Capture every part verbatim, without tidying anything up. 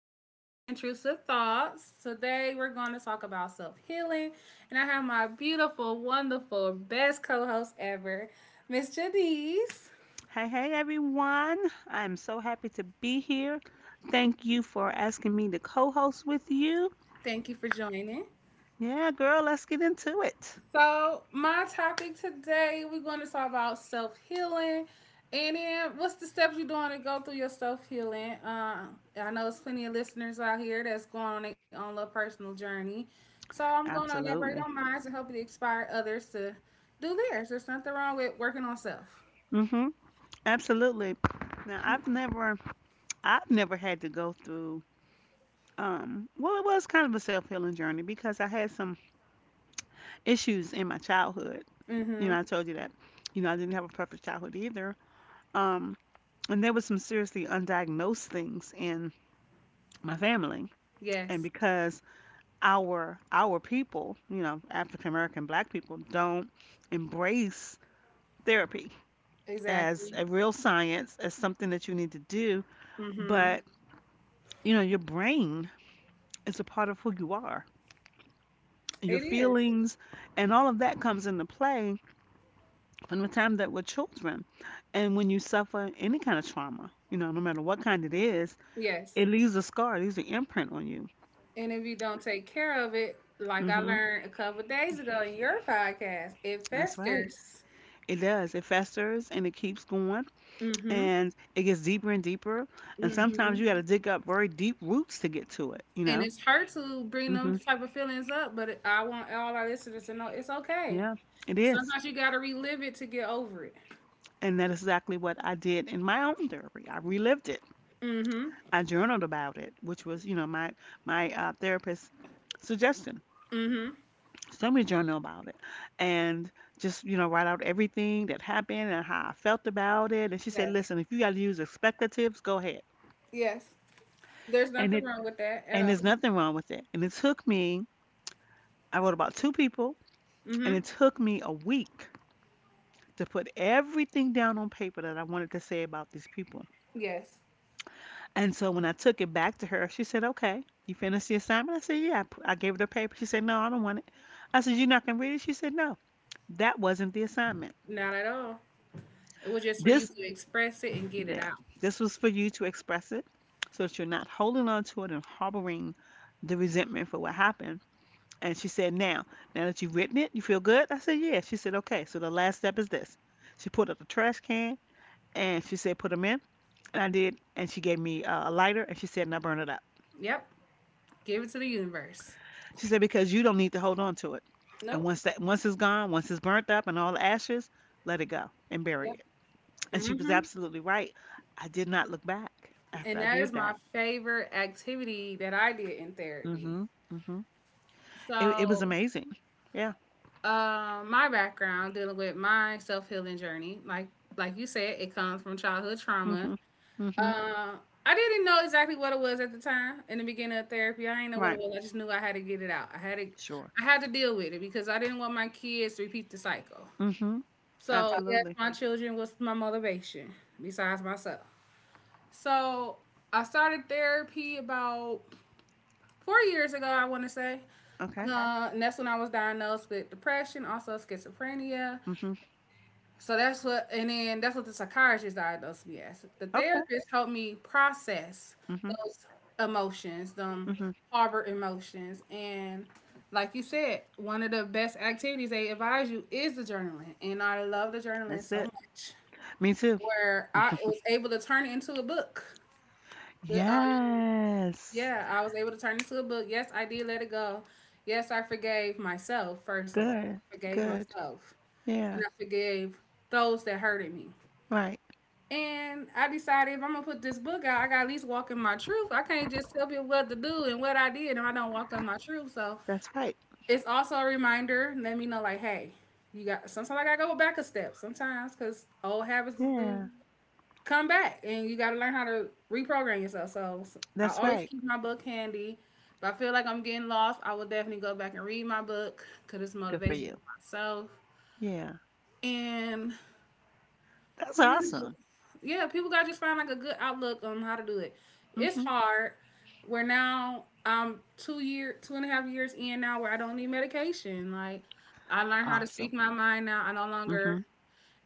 to These Your Intrusive Thoughts. Today we're going to talk about self healing, and I have my beautiful, wonderful, best co host ever, Miss Janice. Hey, hey, everyone. I'm so happy to be here. Thank you for asking me to co host with you. Thank you for joining. Yeah, girl, let's get into it. So, my topic today, we're going to talk about self healing. And then, what's the steps you're doing to go through your self healing? Uh, I know there's plenty of listeners out here that's going on their own little personal journey. So, I'm going to elaborate Absolutely. on mine and help it inspire others to do theirs. There's nothing wrong with working on self. Mm-hmm. Absolutely. Now, I've never, I've never had to go through, um, well, it was kind of a self healing journey because I had some issues in my childhood. Mm You hmm. know, I told you that, you know, I didn't have a perfect childhood either. Um, and there was some seriously undiagnosed things in my family. And Yes, because our our people, you know, African American black people don't embrace therapy as exactly. a real science, as something that you need to do, Mm hmm. but you know, your brain is a part of who you are. It Your is. feelings and all of that comes into play from the time that we're children. And when you suffer any kind of trauma, you know, no matter what kind it is, Yes. it leaves a scar, it leaves an imprint on you. And if you don't take care of it, like I hmm learned a couple days ago in your podcast, it That's right. festers. It does. It festers and it keeps going. Mm hmm. And it gets deeper and deeper. And Mm hmm. sometimes you got to dig up very deep roots to get to it, you And know? it's hard to bring them hmm type of feelings up, but it, I want all our listeners to know it's okay. Yeah, it is. Sometimes you gotta relive it to get over it. And that is exactly what I did in my own therapy. I relived it. Mm hmm. I journaled about it, which was, you know, my my uh, therapist suggestion. Mm hmm. So me journal about it, and just you know write out everything that happened and how I felt about it. And she said, Yes. "Listen, if you got to use expectatives, go ahead." Yes. There's And nothing it wrong with that at and all. there's nothing wrong with it. And it took me. I wrote about two people. Mm And hmm. it took me a week to put everything down on paper that I wanted to say about these people. Yes. And so when I took it back to her, she said, "Okay, you finished the assignment?" I said, "Yeah," I gave her the paper. She said, "No, I don't want it." I said, "You're not going to read it?" She said, "No, that wasn't the assignment." Not at all. It was just for you This, to express it and get it yeah, out. this was for you to express it so that you're not holding on to it and harboring the resentment for what happened. And she said, "Now, now that you've written it, you feel good?" I said, "Yeah." She said, "Okay, so the last step is this." She pulled out the trash can and she said put them in, and I did, and she gave me uh, a lighter and she said now burn it up. Yep. Give it to the universe. She said because you don't need to hold on to it, and Nope. once that, once it's gone, once it's burnt up and all the ashes, let it go and bury Yep. it. And she Mm was hmm. absolutely right. I did not look back after And I that did is my that. favorite activity that I did in therapy. Mm-hmm. Mm-hmm. It, it was So, amazing. Yeah. um, my background dealing with my self healing journey, like like you said, it comes from childhood trauma. Mm-hmm. Mm-hmm. Uh, I didn't know exactly what it was at the time in the beginning of therapy. I didn't know what Right. it was. I just knew I had to get it out. I had to, Sure. I had to deal with it because I didn't want my kids to repeat the cycle. Mm-hmm. So yes, Absolutely. my children was my motivation besides myself. So I started therapy about four years ago, I want to say. Okay. Uh, and that's when I was diagnosed with depression, also schizophrenia. Mm-hmm. So that's what, and then that's what the psychiatrist diagnosed me as. The Okay. therapist helped me process Mm-hmm. those emotions, them Mm-hmm. harbor emotions. And like you said, one of the best activities they advise you is the journaling. And I love the journaling That's so it. much, Me too. where I was able to turn it into a book. The, um, Yes. yeah, I was able to turn into a book. Yes, I did let it go. Yes, I forgave myself, first of all. Good. I forgave Good. myself. Yeah, And I forgave those that hurted me. right. And I decided if I'm gonna put this book out, I gotta at least walk in my truth. I can't just tell people what to do and what I did if I don't walk in my truth. So That's right. it's also a reminder, let me know like, hey, you got sometimes I gotta go back a step sometimes because old habits do Yeah, come back and you got to learn how to reprogram yourself. So, so I that's always right. keep my book handy. If I feel like I'm getting lost, I will definitely go back and read my book because it's Good for motivation you. for myself. Yeah, And that's I don't know. awesome. Yeah, people got to just find like a good outlook on how to do it. It's Mhm. hard. We're now um two year two and a half years in now where I don't need medication. Like I learned how to speak Awesome. my mind now. I no longer Mhm.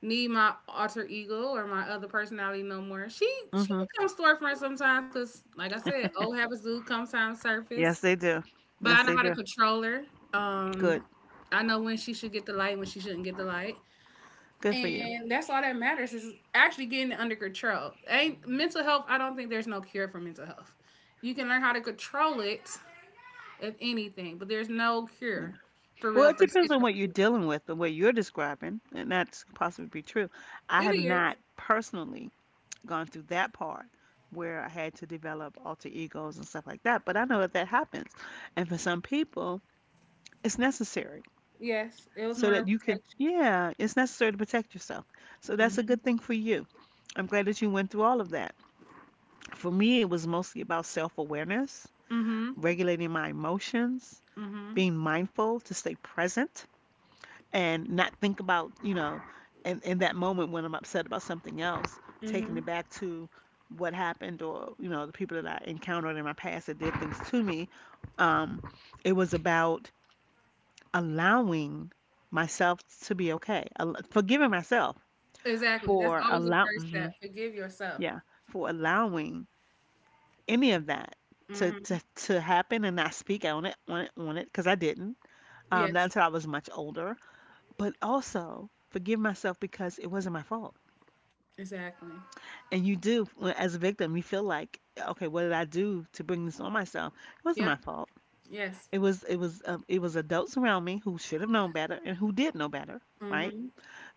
need my alter ego or my other personality no more. She she Mhm. comes to our friend sometimes because, like I said, old habits do come time Yes, surface. they do. But I Yes, know they how to do. control her. Good. Um, I know when she should get the light, when she shouldn't get the light, Good for you. and that's all that matters is actually getting it under control. Ain't mental health? I don't think there's no cure for mental health. You can learn how to control it, if anything, but there's no Yeah. cure for Well, real it for depends on what you're schizophrenia. dealing with, the way you're describing, and that's possibly be true. I It have is. not personally gone through that part where I had to develop alter egos and stuff like that, but I know that that happens. And for some people, it's necessary. Yes, it was So more that of you can, protection. yeah, it's necessary to protect yourself, so that's a Mm good thing for you. I'm glad that you went through all of that. For me it was mostly about self-awareness, hmm. regulating my emotions, Mm-hmm. being mindful to stay present and not think about, you know, in, in that moment when I'm upset about something else, taking Mm-hmm. it back to what happened or you know the people that I encountered in my past that did things to me. um, it was about allowing myself to be okay, al- forgiving myself Exactly. That's for always the allow, first mhm, step. Forgive yourself. yeah, for allowing any of that to, Mm-hmm. to to happen and not speak on it on it on it because I didn't, um, not Yes. until I was much older, but also forgive myself because it wasn't my fault. Exactly. And you do, when- as a victim, you feel like, okay, what did I do to bring this on myself? It wasn't Yep. my fault. Yes. It was it was uh, it was adults around me who should have known better and who did know better, right? Mm-hmm.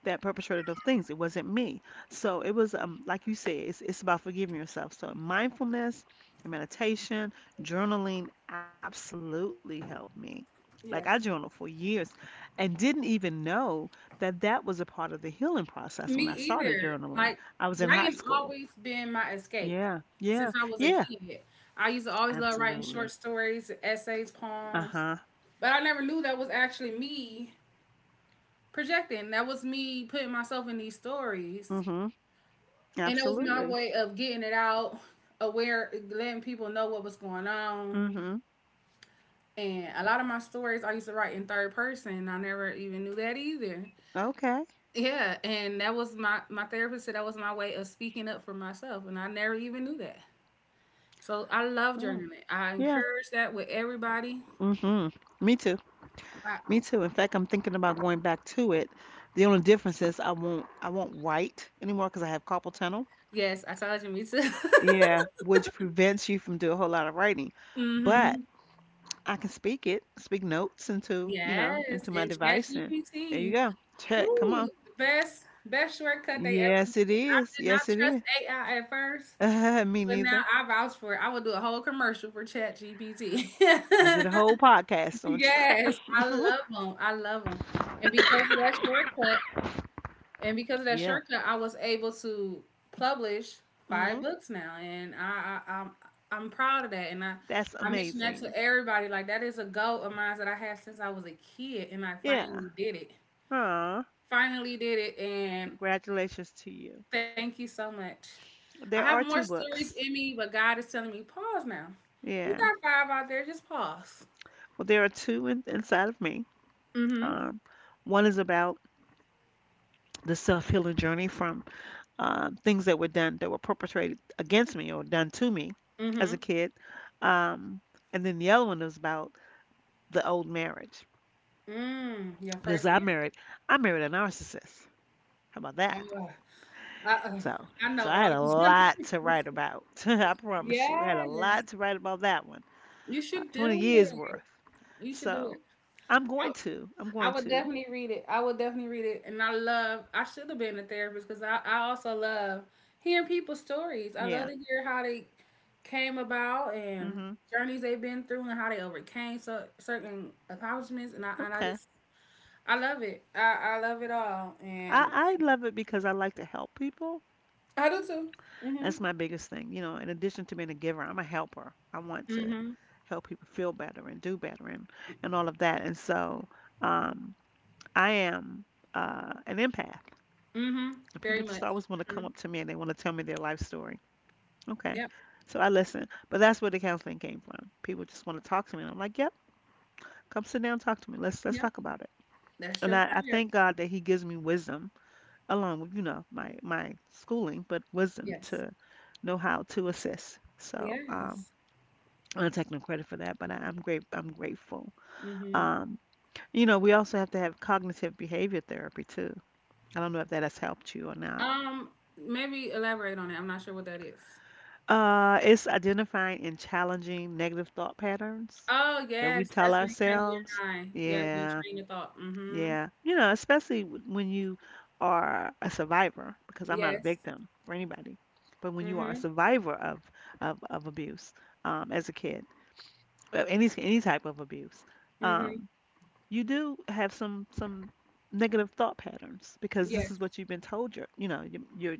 That perpetrated those things. It wasn't me. So it was um like you said, it's it's about forgiving yourself. So mindfulness and meditation, journaling absolutely helped me. Like I Yes. journaled for years and didn't even know that that was a part of the healing process Me when I started either. journaling. Like I was in high writing school. always been my escape Yeah. Yeah. since I was a Yeah. kid. I used to always love writing short Absolutely. stories, essays, poems. Uh-huh. But I never knew that was actually me projecting. That was me putting myself in these stories. Mhm. And it was my Absolutely. way of getting it out, aware, letting people know what was going on. Mhm. And a lot of my stories I used to write in third person. I never even knew that either. Okay. Yeah, and that was my my therapist said that was my way of speaking up for myself, and I never even knew that. So I love Yeah. journaling. I Yeah. encourage that with everybody. Mhm. Me too. I, Me too. In fact, I'm thinking about going back to it. The only difference is I won't I won't write anymore because I have carpal tunnel, yes, I told you, me too. yeah, which prevents you from doing a whole lot of writing. But Mm-hmm. I can speak it, speak notes into, you know, Yes, into my and device, and there you ChatGPT. go. Check. Come Ooh, on. the best best shortcut they ever Yes, it made. I is. did not Yes, it trust is. A I at first, Uh, me but now neither. I vouch for it. I would do a whole commercial for ChatGPT. I did a whole podcast on chat. Yes, I love them. I love them. And because of that shortcut, and because of that Yeah. shortcut, I was able to publish five Hmm. books now, and I, I I'm I'm proud of that. And I That's I mention that amazing. to everybody. Like that is a goal of mine that I had since I was a kid, and I Yeah. finally did it. Aw, Finally did it, and congratulations to you. thank you so much. I have There are more two stories in books. me, but God is telling me pause now. You Yeah. got five out there, just pause. Well, there are two in, inside of me. Mm-hmm. Um, One is about the self-healing journey from, um, things that were done that were perpetrated against me or done to me as a Mm-hmm. kid. Um, and then the other one is about the old marriage Mm, your because first I married I married a narcissist. How about man. that? Uh-oh. So, I know so I all had a of us. lot to write about. I promise you, I had a Yes. lot to write about that one. You Uh, should twenty do years it. worth. You should do it. So, I'm going to. I'm I, I going would to. definitely read it. I would definitely read it. And I love, I should have been a therapist because I, I also love hearing people's stories. I love Yeah. to hear how they came about and Mhm. journeys they've been through and how they overcame so, certain accomplishments. And I, and I Okay. just, I love it. I, I love it all. And I I love it because I like to help people. I do too. Mm-hmm. That's my biggest thing. You know, in addition to being a giver, I'm a helper. I want to Mm-hmm. help people feel better and do better and and all of that. And so, um, I am uh an empath. Mm-hmm. And Very people much. just always want to come Mm-hmm. up to me and they want to tell me their life story. Okay. Yep. So I listen. But that's where the counseling came from. People just want to talk to me and I'm like, "Yep, come sit down, talk to me. Let's let's Yep. talk about it." That's And your I I career. thank God that he gives me wisdom along with you know my my schooling, but wisdom Yes. to know how to assist. So um, Yes. I'm not taking no credit for that, but I, I'm great. I'm grateful. Hmm. Um, you know, we also have to have cognitive behavior therapy too. I don't know if that has helped you or not. Um, maybe elaborate on it. I'm not sure what that is. Uh, it's identifying and challenging negative thought patterns Oh that we yes, tell that's retraining ourselves. your mind. Yeah, you Yeah, train your thought. Mm-hmm. yeah. You know, especially w- when you are a survivor, because I'm not a Yes. victim for anybody, but when you Mm-hmm. are a survivor of of, of abuse, um, as a kid, uh, any any type of abuse, Mm-hmm. um, you do have some some negative thought patterns because this is Yes. what you've been told. You're you know you're, you're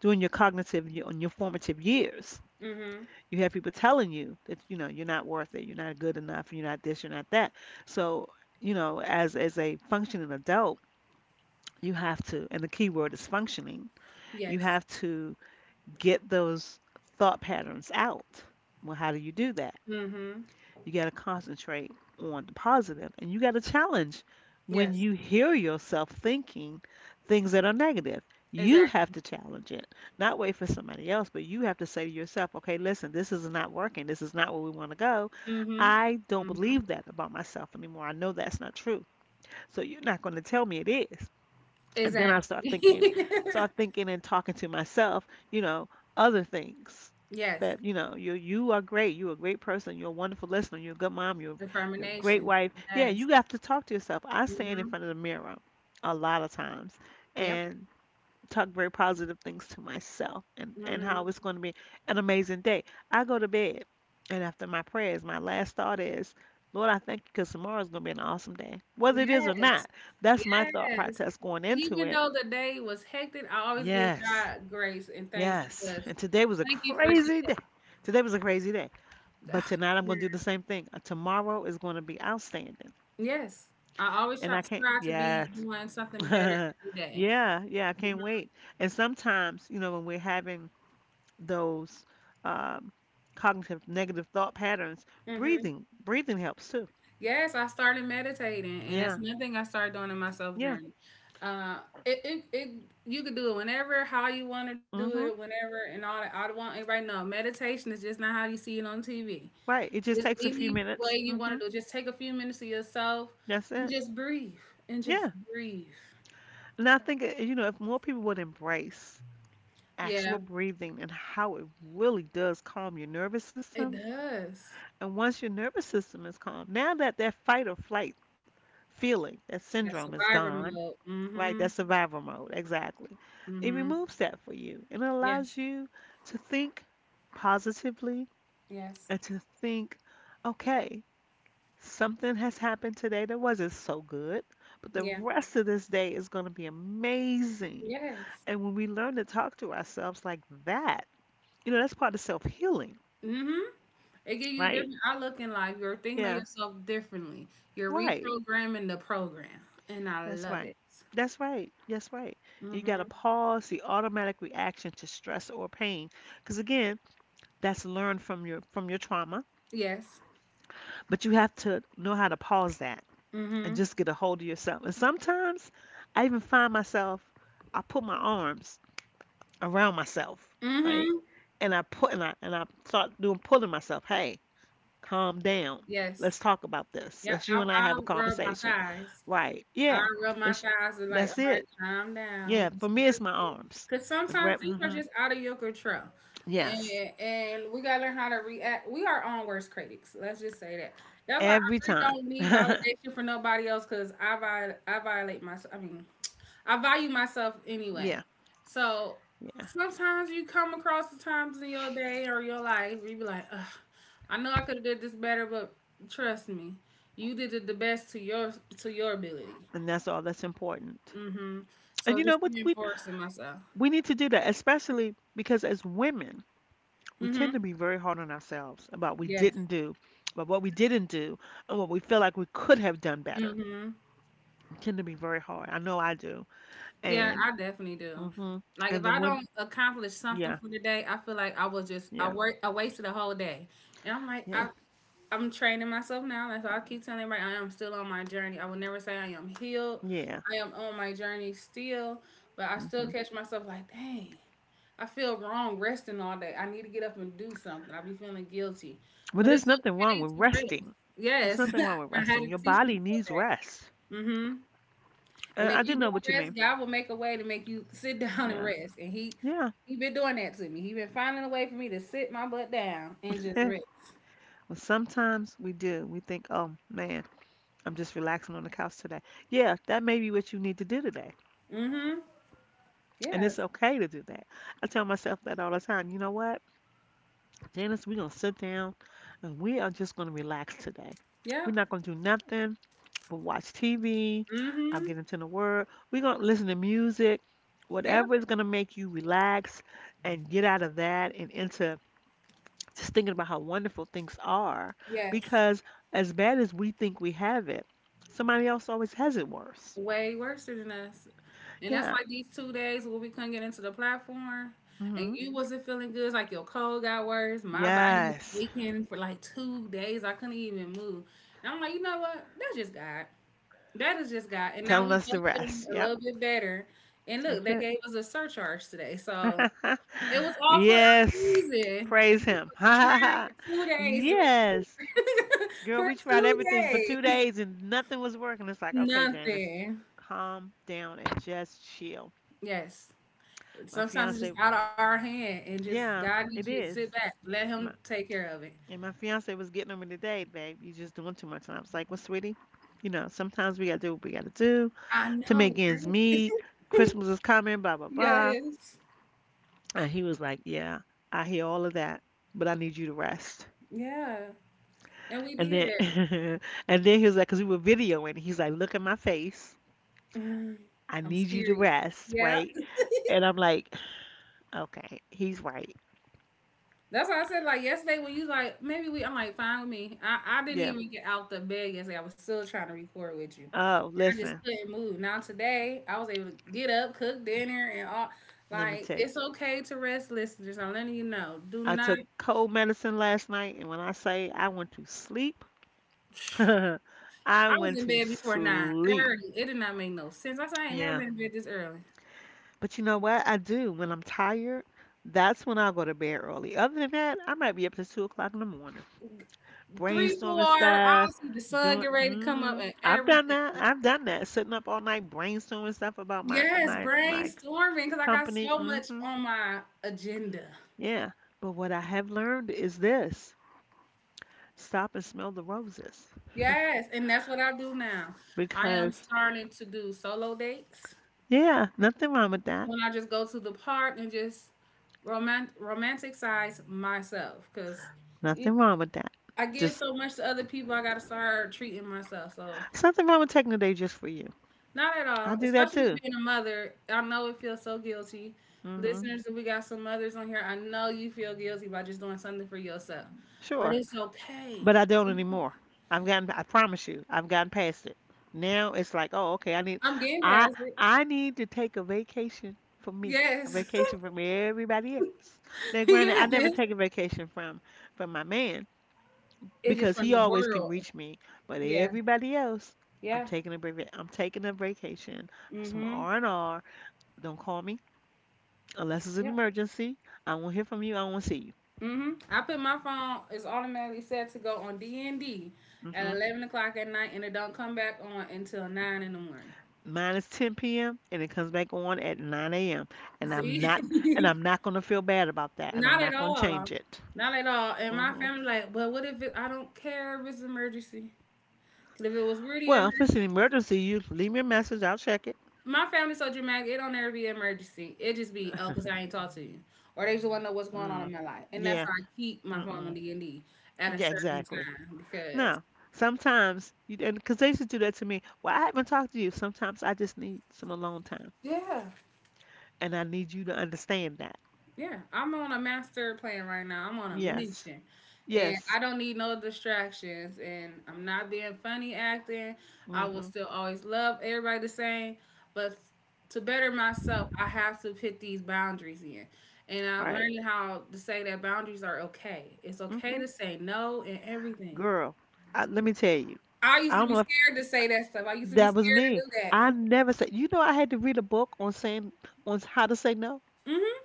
doing your cognitive your, on your formative years. Mm-hmm. You have people telling you that you know you're not worth it, you're not good enough, you're not this, you're not that. So you know, as as a functioning adult you have to, and the key word is functioning. You Yes. have to get those thought patterns out. Well, how do you do that? Mm-hmm. You got to concentrate on the positive and you got to challenge when Yes. you hear yourself thinking things that are negative. You have Exactly. to challenge it, not wait for somebody else, but you have to say to yourself, okay, listen, this is not working. This is not where we want to go. Mm-hmm. I don't Mm-hmm. believe that about myself anymore. I know that's not true. So you're not going to tell me it is. And then I Exactly. start thinking, start thinking and talking to myself, you know, other things Yes. that, you know, you you are great. You're a great person. You're a wonderful listener. You're a good mom. You're you're a great Affirmations. wife. Yeah, Yes. you have to talk to yourself. I stand in Mm-hmm. front of the mirror a lot of times Yep. and talk very positive things to myself and, and Mm-hmm. how it's going to be an amazing day. I go to bed and after my prayers, my last thought is, Lord, I thank you because tomorrow's going to be an awesome day. Whether it is or Yes. not, that's my thought Yes. process going into Even it. though the day was hectic, I always give Yes. God grace and thanks Yes. because And today was a thank you for crazy day. today. Today was a crazy day. But tonight I'm going to do Yeah. the same thing. Uh, Tomorrow is going to be outstanding. Yes. I always And try, I can't, try to be yes. doing something better every day. Yeah, yeah, I can't wait. And sometimes, you know, when we're having those um, cognitive negative thought patterns, Mm-hmm. breathing, breathing helps too. Yes, I started meditating, and that's Yeah, one thing I started doing in my self yeah. journey. Uh, it, it, it, you could do it whenever, how you want to do it, Mm-hmm. whenever, and all that. I don't want everybody to know meditation is just not how you see it on T V. Right. It Is just takes a any few way minutes. you wanna Mm-hmm. do it, just take a few minutes to yourself That's and it. just breathe, and just Yeah. breathe. And I think, uh, you know, if more people would embrace Yeah, actual breathing and how it really does calm your nervous it system. does. And once your nervous system is calm, now that that fight or flight feeling, that That syndrome is survivor gone, mode. Mm. right? Mhm. That survival mode, exactly. Mm It mhm. removes that for you and it Yes, allows you to think positively yes. and to think, okay, something has happened today that wasn't so good, but the Yeah. rest of this day is going to be amazing. Yes. And when we learn to talk to ourselves like that, you know, that's part of self healing, Mm. Mhm. It give you a right? different outlook in life, you're thinking of Yeah, yourself differently. You're right. reprogramming the program, and I That's love right. it. That's right. That's right. Mm. You got to Mhm. pause the automatic reaction to stress or pain, because again, that's learned from your from your trauma. Yes. But you have to know how to pause that Mm. and Mhm. just get a hold of yourself. And sometimes, I even find myself, I put my arms around myself, Mm. right, Mhm. and I put and I and I start doing pulling myself. Hey, calm down. Yes. Let's talk about this. Yeah, Let's you I and I I have a rub my conversation. thighs. Right. I Yeah. rub my That's thighs and like, that's all right, it. calm down, Yeah. For just me, it's my breathe. arms. Cause I sometimes grab. things are Hmm. just out of your control, Yes. and and we gotta learn how to react. We are our own worst critics. Let's just say that. That's why I Every really time. don't need yeah. validation from nobody else. Cause I viol- I violate myself. I mean, I value myself anyway. Yeah. So sometimes you come across the times in your day or your life where you be like, Ugh, I know I could have did this better, but trust me, you did it the best to your to your ability. And that's all that's important. Mhm. And So you know just what? We reinforcing myself. we need to do that, especially because as women, we Mhm. tend to be very hard on ourselves about what we Yes. didn't do, about what we didn't do, and what we feel like we could have done better. Mhm. We tend to be very hard. I know I do. Yeah, And I definitely do. hmm Like if and the I women. don't accomplish something Yeah. for the day, I feel like I was just I Yeah. work I wasted a whole day. And I'm like, Yeah. I I'm training myself now. That's why I keep telling everybody I am still on my journey. I will never say I am healed. Yeah. I am on my journey still, but I still Hmm. catch myself like, dang, I feel wrong resting all day. I need to get up and do something. I be feeling guilty, Well, but there's it's nothing wrong okay with to rest. resting. There's Yes, nothing wrong with I had resting. to Your teach body myself needs that. rest. Hmm. Uh, And if I do you know what you don't mean. rest, God will make a way to make you sit down and Yeah. rest. And He Yeah. He been doing that to me. He been finding a way for me to sit my butt down and just well, rest. sometimes we do. We think, oh, man, I'm just relaxing on the couch today. Yeah, that may be what you need to do today. Hmm. And it's Yes. okay to do that. I tell myself that all the time. You know what, Janice, we're going to sit down and we are just going to relax today. We're Yep. not going to do nothing. We'll watch T V. I'll Mm-hmm. get into the word. We're going to listen to music, Yep. whatever is going to make you relax and get out of that and into just thinking about how wonderful things are. Yes. Because as bad as we think we have it, somebody else always has it worse. Way worse than us. And that's Yeah. like these two days where we couldn't get into the platform and Hmm. you wasn't feeling good. It's like your cold got worse. My body was Yes. aching for like two days. I couldn't even move. And I'm like, you know what? That's just God. That is just God. And now Telling we us the both feeling rest. a Yep. little bit better. And look, That's they it. gave us a surcharge today. So it was all for a yes. reason. Praise And we him. was trying for two days to recoup. yes. Girl, For we tried two everything for two days. days and nothing was working. It's like, okay, Janice, Nothing. calm down and just chill. Yes. My Sometimes it's fiance, just out of our hand and just yeah, God needs you it to sit is. back. Let him My, take care of it. and my fiance was getting on me today, babe. You just doing too much. And I was like, well, sweetie, you know, sometimes we got to do what we got to do I to know, make ends right? meet. Christmas is coming, blah, blah, blah. Yes. And he was like, yeah, I hear all of that, but I need you to rest. Yeah. And we And then, did. and then he was like, because we were videoing, he's like, look at my face, Mm. I I'm need you to serious. rest, Yeah. right? And I'm like, okay, he's right. That's why I said like yesterday when you like maybe we I'm like fine with me. I, I didn't Yeah. even get out the bed yesterday. I was still trying to record with you. Oh, I just listen, couldn't move. Now today I was able to get up, cook dinner and all let me like tell you. it's okay to rest listeners. I'm letting you know. Do I not took cold medicine last night, and when I say I went to sleep, I I was went in to bed before sleep. nine thirty. It did not make no sense. I said, I ain't never Yeah. been in bed this early. But you know what I do when I'm tired? That's when I go to bed early. Other than that, I might be up to two o'clock in the morning, Three, brainstorming four, stuff, I'll see the sun doing. get ready to come up Mm, and I've done that. everything. I've done that. Sitting up all night brainstorming stuff about my Yes, my my brainstorming because I got company. so much Hmm. on my agenda. Yeah. But what I have learned is this, stop and smell the roses. Yes, and that's what I do now. I am Because, starting to do solo dates yeah, nothing wrong with that. when I just go to the park and just romant- romanticize myself because Nothing wrong with that. I give Just, so much to other people. I got to start treating myself. So. there's nothing wrong with taking a day just for you. Not at I all. do that Especially with too. being a mother. I know it feels so guilty. Hmm. Listeners, if we got some mothers on here, I know you feel guilty by just doing something for yourself. But Sure. it's okay. But I don't anymore. I've gotten, I promise you, I've gotten past it. Now it's like, oh, okay, I need, I'm getting I, past it. I need to take a vacation for me. A Yes. vacation from everybody else. Now, granted, I never Yes. take a vacation from from my man It's just because he from the always can world. reach me. But Yeah. everybody else, I'm Yeah. taking a break. I'm taking a vacation. Some Mm-hmm. R and R. Don't call me unless it's an Yep. emergency. I won't hear from you. I won't see Mm-hmm. I put my phone, it's automatically set to go on D and D you. at Hmm. eleven o'clock at night, and it don't come back on until nine in the morning. Mine is ten p m and it comes back on at nine a m and I'm See? not and I'm not gonna feel bad about that and Not I'm at not gonna all. change it. Not at all. And my Hmm. family like, well, what if it, I don't care if it's an emergency? 'Cause if it was really an Well, if it's an emergency, emergency, you leave me a message. I'll check it. my family so dramatic, it don't ever be an emergency. It just be, oh, because I ain't talk to you. Or they just want to know what's going on in Mm. my life. And that's why Yeah. I keep my phone on Mm-mm. D and D at a Yeah. certain Exactly. time because, Now, sometimes, you, and because they used to do that to me, well, I haven't talked to you. Sometimes I just need some alone time, yeah. and I need you to understand that. Yeah, I'm on a master plan right now. I'm on a Yes, mission. And yes, I don't need no distractions. And I'm not being funny acting. I will mm-hmm, still always love everybody the same. But to better myself, I have to put these boundaries in. And I'm right, learning how to say that boundaries are okay. It's okay mm-hmm. to say no and everything. Girl, I, let me tell you, I I used to don't be know if scared to say that stuff. I used to be that was scared to me. do that. I never said, you know, I had to read a book on saying on how to say no Hmm.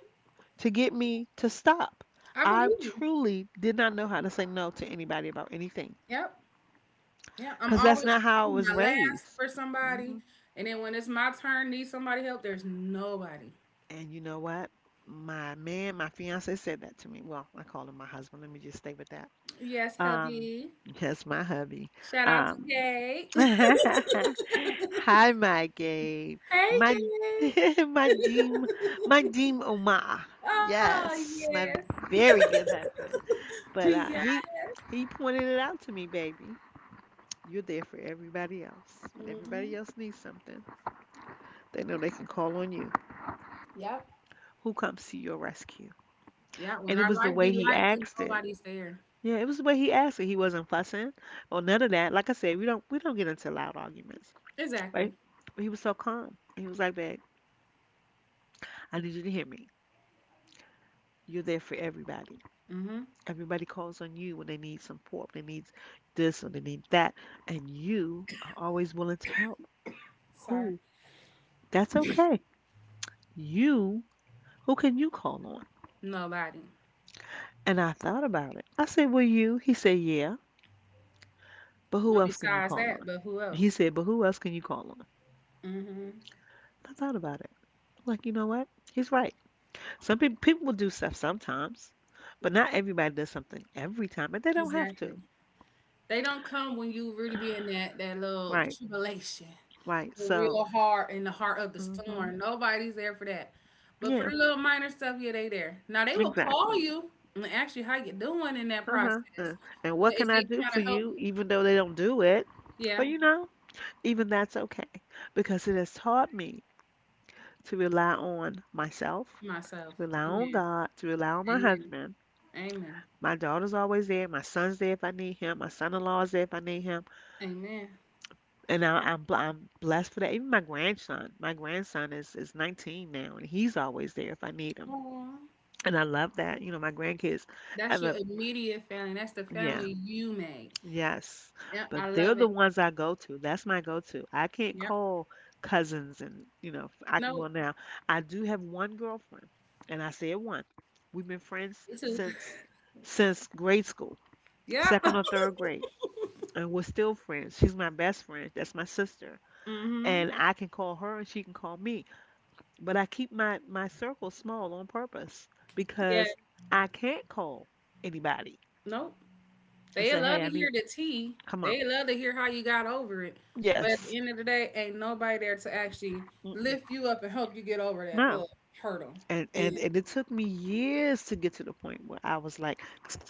to get me to stop. I believe I you. truly did not know how to say no to anybody about anything Yep. Yeah, I'm because that's always not how I saving was my last raised. for Mm-hmm. somebody, and then when it's my turn, need somebody help. There's nobody. And you know what? My man, my fiance said that to me. Well, I call him my husband. Let me just stay with that. Yes, Um, hubby. that's my hubby. Shout out to Um, Gay. Hey, hi, my Gabe, my Gay. my deem, my deem Omar. Oh Yes, yes. my very good husband. But Yeah. uh, he he pointed it out to me, baby. You're there for everybody else. When everybody Hmm. else needs something, they know they can call on you. Yep. Who comes to your rescue? Yeah. When And it our was the life be way he life and asked it. nobody's there. Yeah, it was the way he asked it. He wasn't fussing or none of that. Like I said, we don't we don't get into loud arguments, Exactly. right? But he was so calm. He was like, "Babe, I need you to hear me. You're there for everybody. Hmm. Everybody calls on you when they need support, they need this or they need that, and you are always willing to help. Sorry. Who? That's okay. You. Who can you call on?" Nobody. And I thought about it. I said, "Well, you." He said, "Yeah, but who But else can you besides call that, on?" but who He else? said, "But who else can you call on?" Hmm. I thought about it. Like, you know what? He's right. Some people people will do stuff sometimes, but not everybody does something every time, and they don't have Exactly. to. They don't come when you really be in that that little Right, tribulation, right. the So, real hard in the heart of the hmm storm. Nobody's there for that. But for yeah, the little minor stuff, yeah, they there. Now they will call exactly. you and ask you how you doing in that Uh-huh. Uh, process. and But what is can I they do for trying to help you, you? even though they don't do it? But Yeah, you know, even that's okay because it has taught me to rely on myself, to myself. rely on Amen. God, to rely on my Amen. husband. Amen. My daughter's always there. My son's there if I need him. My son-in-law is there if I need him. Amen. And I, I'm bl- I'm blessed for that. Even my grandson, my grandson is is nineteen now, and he's always there if I need him, Aw. and I love that. You know, my grandkids That's have your a immediate family. That's the yeah, family you made. yes, Yeah, but I they're love the it. ones I go to. That's my go-to. I can't Yep. call cousins, and you know, I can. No, Well, now I do have one girlfriend, and I said one. We've been me friends too. since since grade school, Yep. second or third grade, and we're still friends. She's my best friend. That's my sister Mm-hmm. and I can call her and she can call me. But I keep my my circle small on purpose Yeah. because I can't call anybody Nope. and They say, love "Hey, to I hear need, the tea. come on." They love to hear how you got over it. But Yes. at the end of the day, ain't nobody there to actually Mm-mm. lift you up and help you get over that No. little hurdle. And and And and it took me years to get to the point where I was like,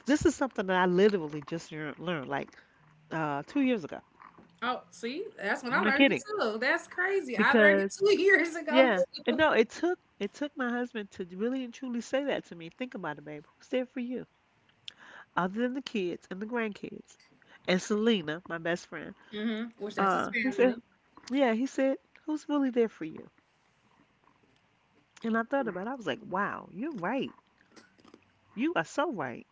"This is something that I literally just lear- learned like uh two years ago." oh, see, that's when I I'm not learned it kidding too. That's crazy. I learned it because two years ago yeah. And too. no, it took it took my husband to really and truly say that to me. Think about it, babe. Who's there for you other than the kids and the grandkids? And Selena, my best friend, Hmm. Which that's his Uh, he said, family. yeah, he said, who's really there for you? And I thought about it. I was like, wow, you're right. You are so right.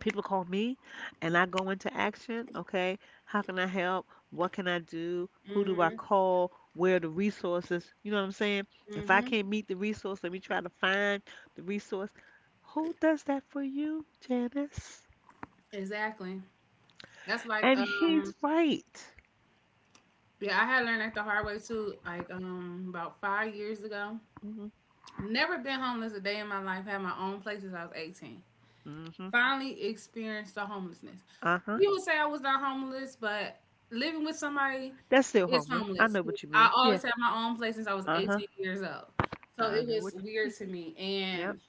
People call me and I go into action. Okay. How can I help? What can I do? Who do I Mm-hmm. call? Where are the resources? You know what I'm saying? If I Mm-hmm. can't meet the resource, let me try to find the resource. Who does that for you, Janice? Exactly. That's like And um he's right. yeah, I had learned that the hard way too, like um about five years ago. Hmm Never been homeless a day in my life, had my own place since I was eighteen. hmm. Finally experienced the homelessness. Uh-huh. You would say I was not homeless, but living with somebody That's still is homeless. I homeless. know 'Cause what you I mean. Yeah. always had my own place since I was Uh-huh. eighteen years old. So I it know what was you weird mean. to me. Yep. And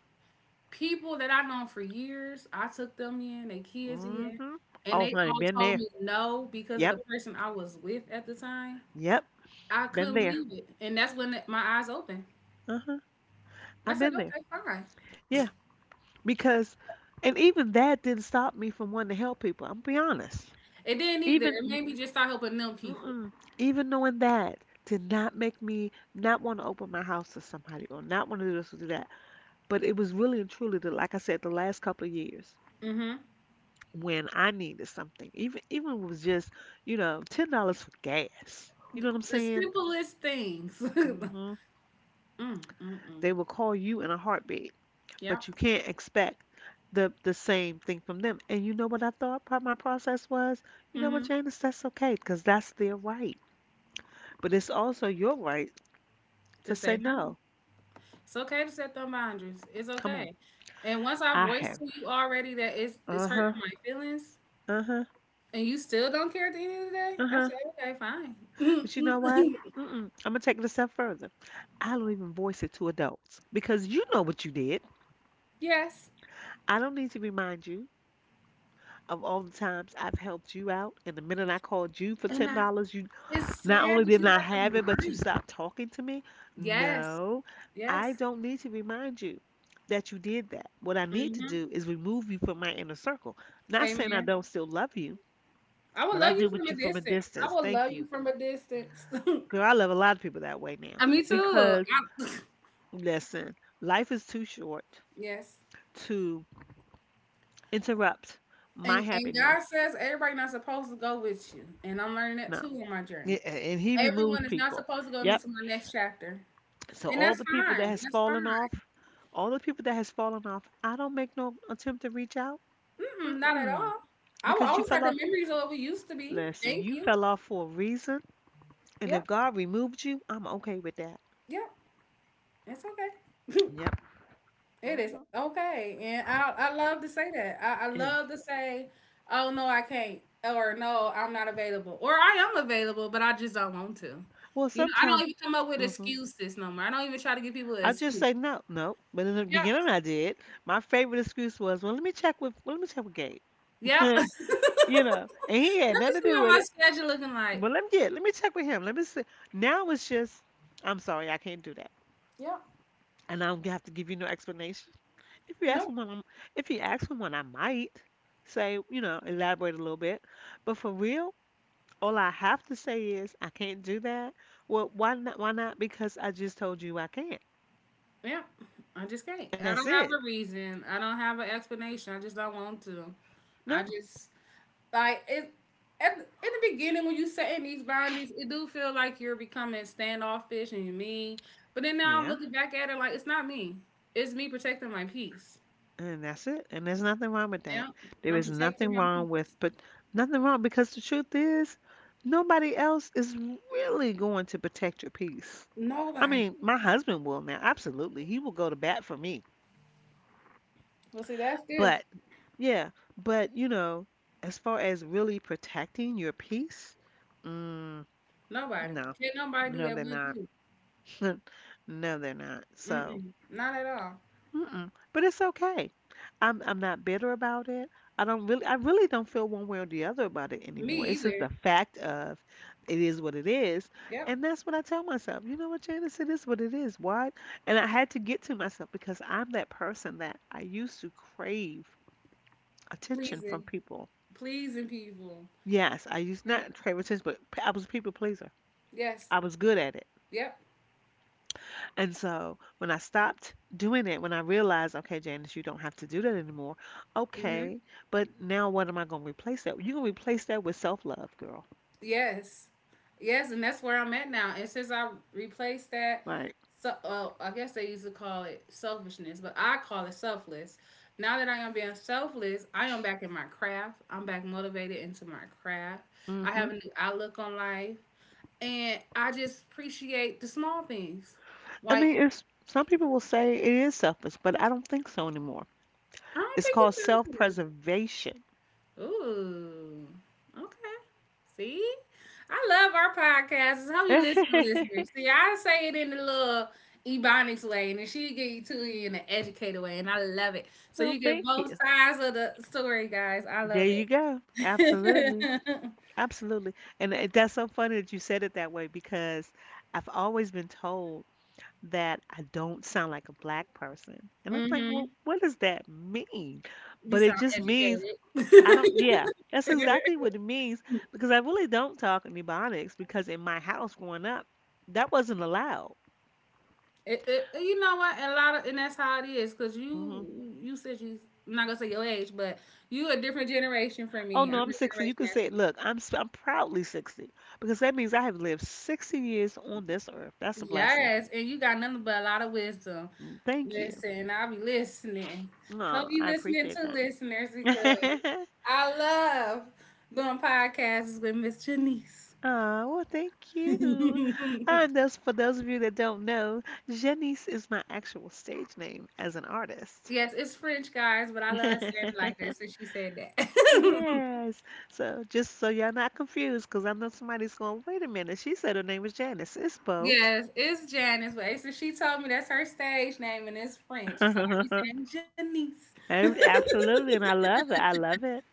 people that I've known for years, I took them in, they kids in, Mhm. and Oh, they honey, all been told there. me no because of Yep. the person I was with at the time. Yep. I Been couldn't there. believe it. And that's when it- my eyes opened. Uh-huh. I I've said, been there. okay, fine. Yeah. Because And even that didn't stop me from wanting to help people. I'm be honest. It didn't either. It Even made me just start helping them people. mm-mm, even knowing that did not make me not want to open my house to somebody or not want to do this or do that. But it was really and truly the like I said, the last couple of years Hmm. when I needed something. Even even if it was just, you know, ten dollars for gas. You know what I'm The saying? simplest things. Mm, hmm mm, mm. They will call you in a heartbeat, but you Yep. can't expect the the same thing from them. And you know what I thought part of my process was? You know what, Mm-hmm. Janice, that's okay because that's their right. But it's also your right To to say say no. no. It's okay to set them boundaries. It's Come on, okay. And once I I voiced have. to you already that it's it's Uh huh. hurting my feelings, Uh huh. and you still don't care at the end of the day, Uh I huh. say okay, fine. But you know what? Mm-mm. I'm gonna take it a step further. I don't even voice it to adults because you know what you did. Yes. I don't need to remind you of all the times I've helped you out, and the minute I called you for And ten I, dollars, you— it's not sad only that didn't you I have to have it, but you remind me. stopped talking to me? Yes. No, I Yes. don't need to remind you that you did that. What I need to Mm-hmm. do is remove you from my inner circle. Not saying I Amen. don't still love you, I will but I love you deal from with a you from a distance. I distance. will Thank love you. you from a distance. Girl, I love a lot of people that way now Uh, Me too. because, I- listen, life is too short yes. to interrupt my And and happiness. God says everybody not supposed to go with you. And I'm learning that No. too on my journey. Yeah, and he removes Everyone is not people. supposed to go with me Yep. to my next chapter. So And all that's the people that fine. has That's fallen fine. off, all the people that has fallen off, I don't make no attempt to reach out. Mm-mm, not at Mm-mm. all. I will Because you always have fell the off. memories of what we used to be. Listen, Thank you you. fell off for a reason, and if Yep. God removed you, I'm okay with that. Yep. It's okay. Yep. It is Mhm. okay. And I I love to say that. I, I And, love to say, oh no, I can't. Or no, I'm not available. Or I am available, but I just don't want to. well, You know, I don't sometimes even come up with hmm excuses no more. I don't even try to give people an I just excuse. say no, no. But in the Yeah. beginning, I did. My favorite excuse was, well, let me check with, well, let me check with Gabe. Yeah. Let you know, and he me had nothing to see do what with my it. schedule looking like. But let me, yeah, let me check with him. Let me see. Now it's just, I'm sorry, I can't do— Yeah, and I don't have to give you no explanation. If you ask no. for one, I'm- If you ask for one, I might say, you know, elaborate a little bit. But for real, all I have to say is I can't do that. Well, why not? Why not? Because I just told you I can't, Yeah. I just and can't. that's I don't it. have a reason. I don't have an explanation. I just don't want to. No, I just like it. At, in the beginning, when you setting these boundaries, it do feel like you're becoming standoffish and you're mean. But then now I'm yeah, looking back at it like it's not me. It's me protecting my peace. and that's it. And there's nothing wrong with that. Yeah, There I'm is protecting nothing my wrong with, peace. but nothing wrong because the truth is, nobody else is really going to protect your peace. I Nobody. mean, my husband will now. Absolutely, he will go to bat for me. Well, see, that's good. But yeah, but you know, as far as really protecting your peace, mm, Nobody. no, Can't nobody do no, that they're but not. you. No, they're not. So, Mm-mm. Not at all. mm-mm. But it's okay. I'm I'm not bitter about it. I don't really, I really don't feel one way or the other about it Me anymore. It's just either. a fact of— it is what it is, Yep. and that's what I tell myself. You know what, Janice, it is what it is. What? And I had to get to myself because I'm that person that I used to crave attention from Pleasing. people. Pleasing people. Yes, I used Yep. not favoritism, but p- I was a people pleaser. Yes. I was good at it. Yep. And so when I stopped doing it, when I realized, okay, Janice, you don't have to do that anymore. Mm-hmm. Okay, but now what am I going to replace that? You're going to replace that with self-love, girl, Yes. Yes, and that's where I'm at now. And since I replaced that, right? so uh, I guess they used to call it selfishness, but I call it selfless. Now that I am being selfless, I am back in my craft. I'm back motivated into my craft. I Mm-hmm. have a new outlook on life, and I just appreciate the small things. I Like mean, it's— some people will say it is selfish, but I don't think so anymore. I don't It's think called it's self-preservation. Ooh. Okay. See? I love our podcasts. How you no, listen to listeners. See, I say it in the little ebonics way, and then she get you to it in the educated way, and I love it. So you get thank both you. sides of the story, guys. I There love you go. Absolutely. it. Absolutely. And it, that's so funny that you said it that way because I've always been told that I don't sound like a black person. And I'm like, Mm-hmm. well, what does that mean? You But it sound just means educated. I don't, yeah, that's exactly what it means because I really don't talk in Ebonics because in my house growing up, that wasn't allowed. It- it- you know what? A lot of and that's how it is, cause hmm you you said you I'm not gonna say your age, but you a different generation from Oh me. I'm no, I'm a sixty. You generation can say, after. look, I'm s- I'm proudly sixty because that means I have lived sixty years on this earth. That's a blessing. Yes, and you got nothing but a lot of wisdom. Thank you. Listen, I'll be listening. Hope No, you I listening appreciate to that. listeners because I love doing podcasts with Miss Janice. Oh, well, thank you. Uh, and those, for those of you that don't know, Janice is my actual stage name as an artist. Yes, it's French guys, but I love saying it like that, so she said that. Yes. So just so y'all not confused, because I know somebody's going, wait a minute, she said her name was Janice. It's both. Yes, it's Janice, but so she told me that's her stage name and it's French. So I be Ab- saying Absolutely. And I love it. I love it.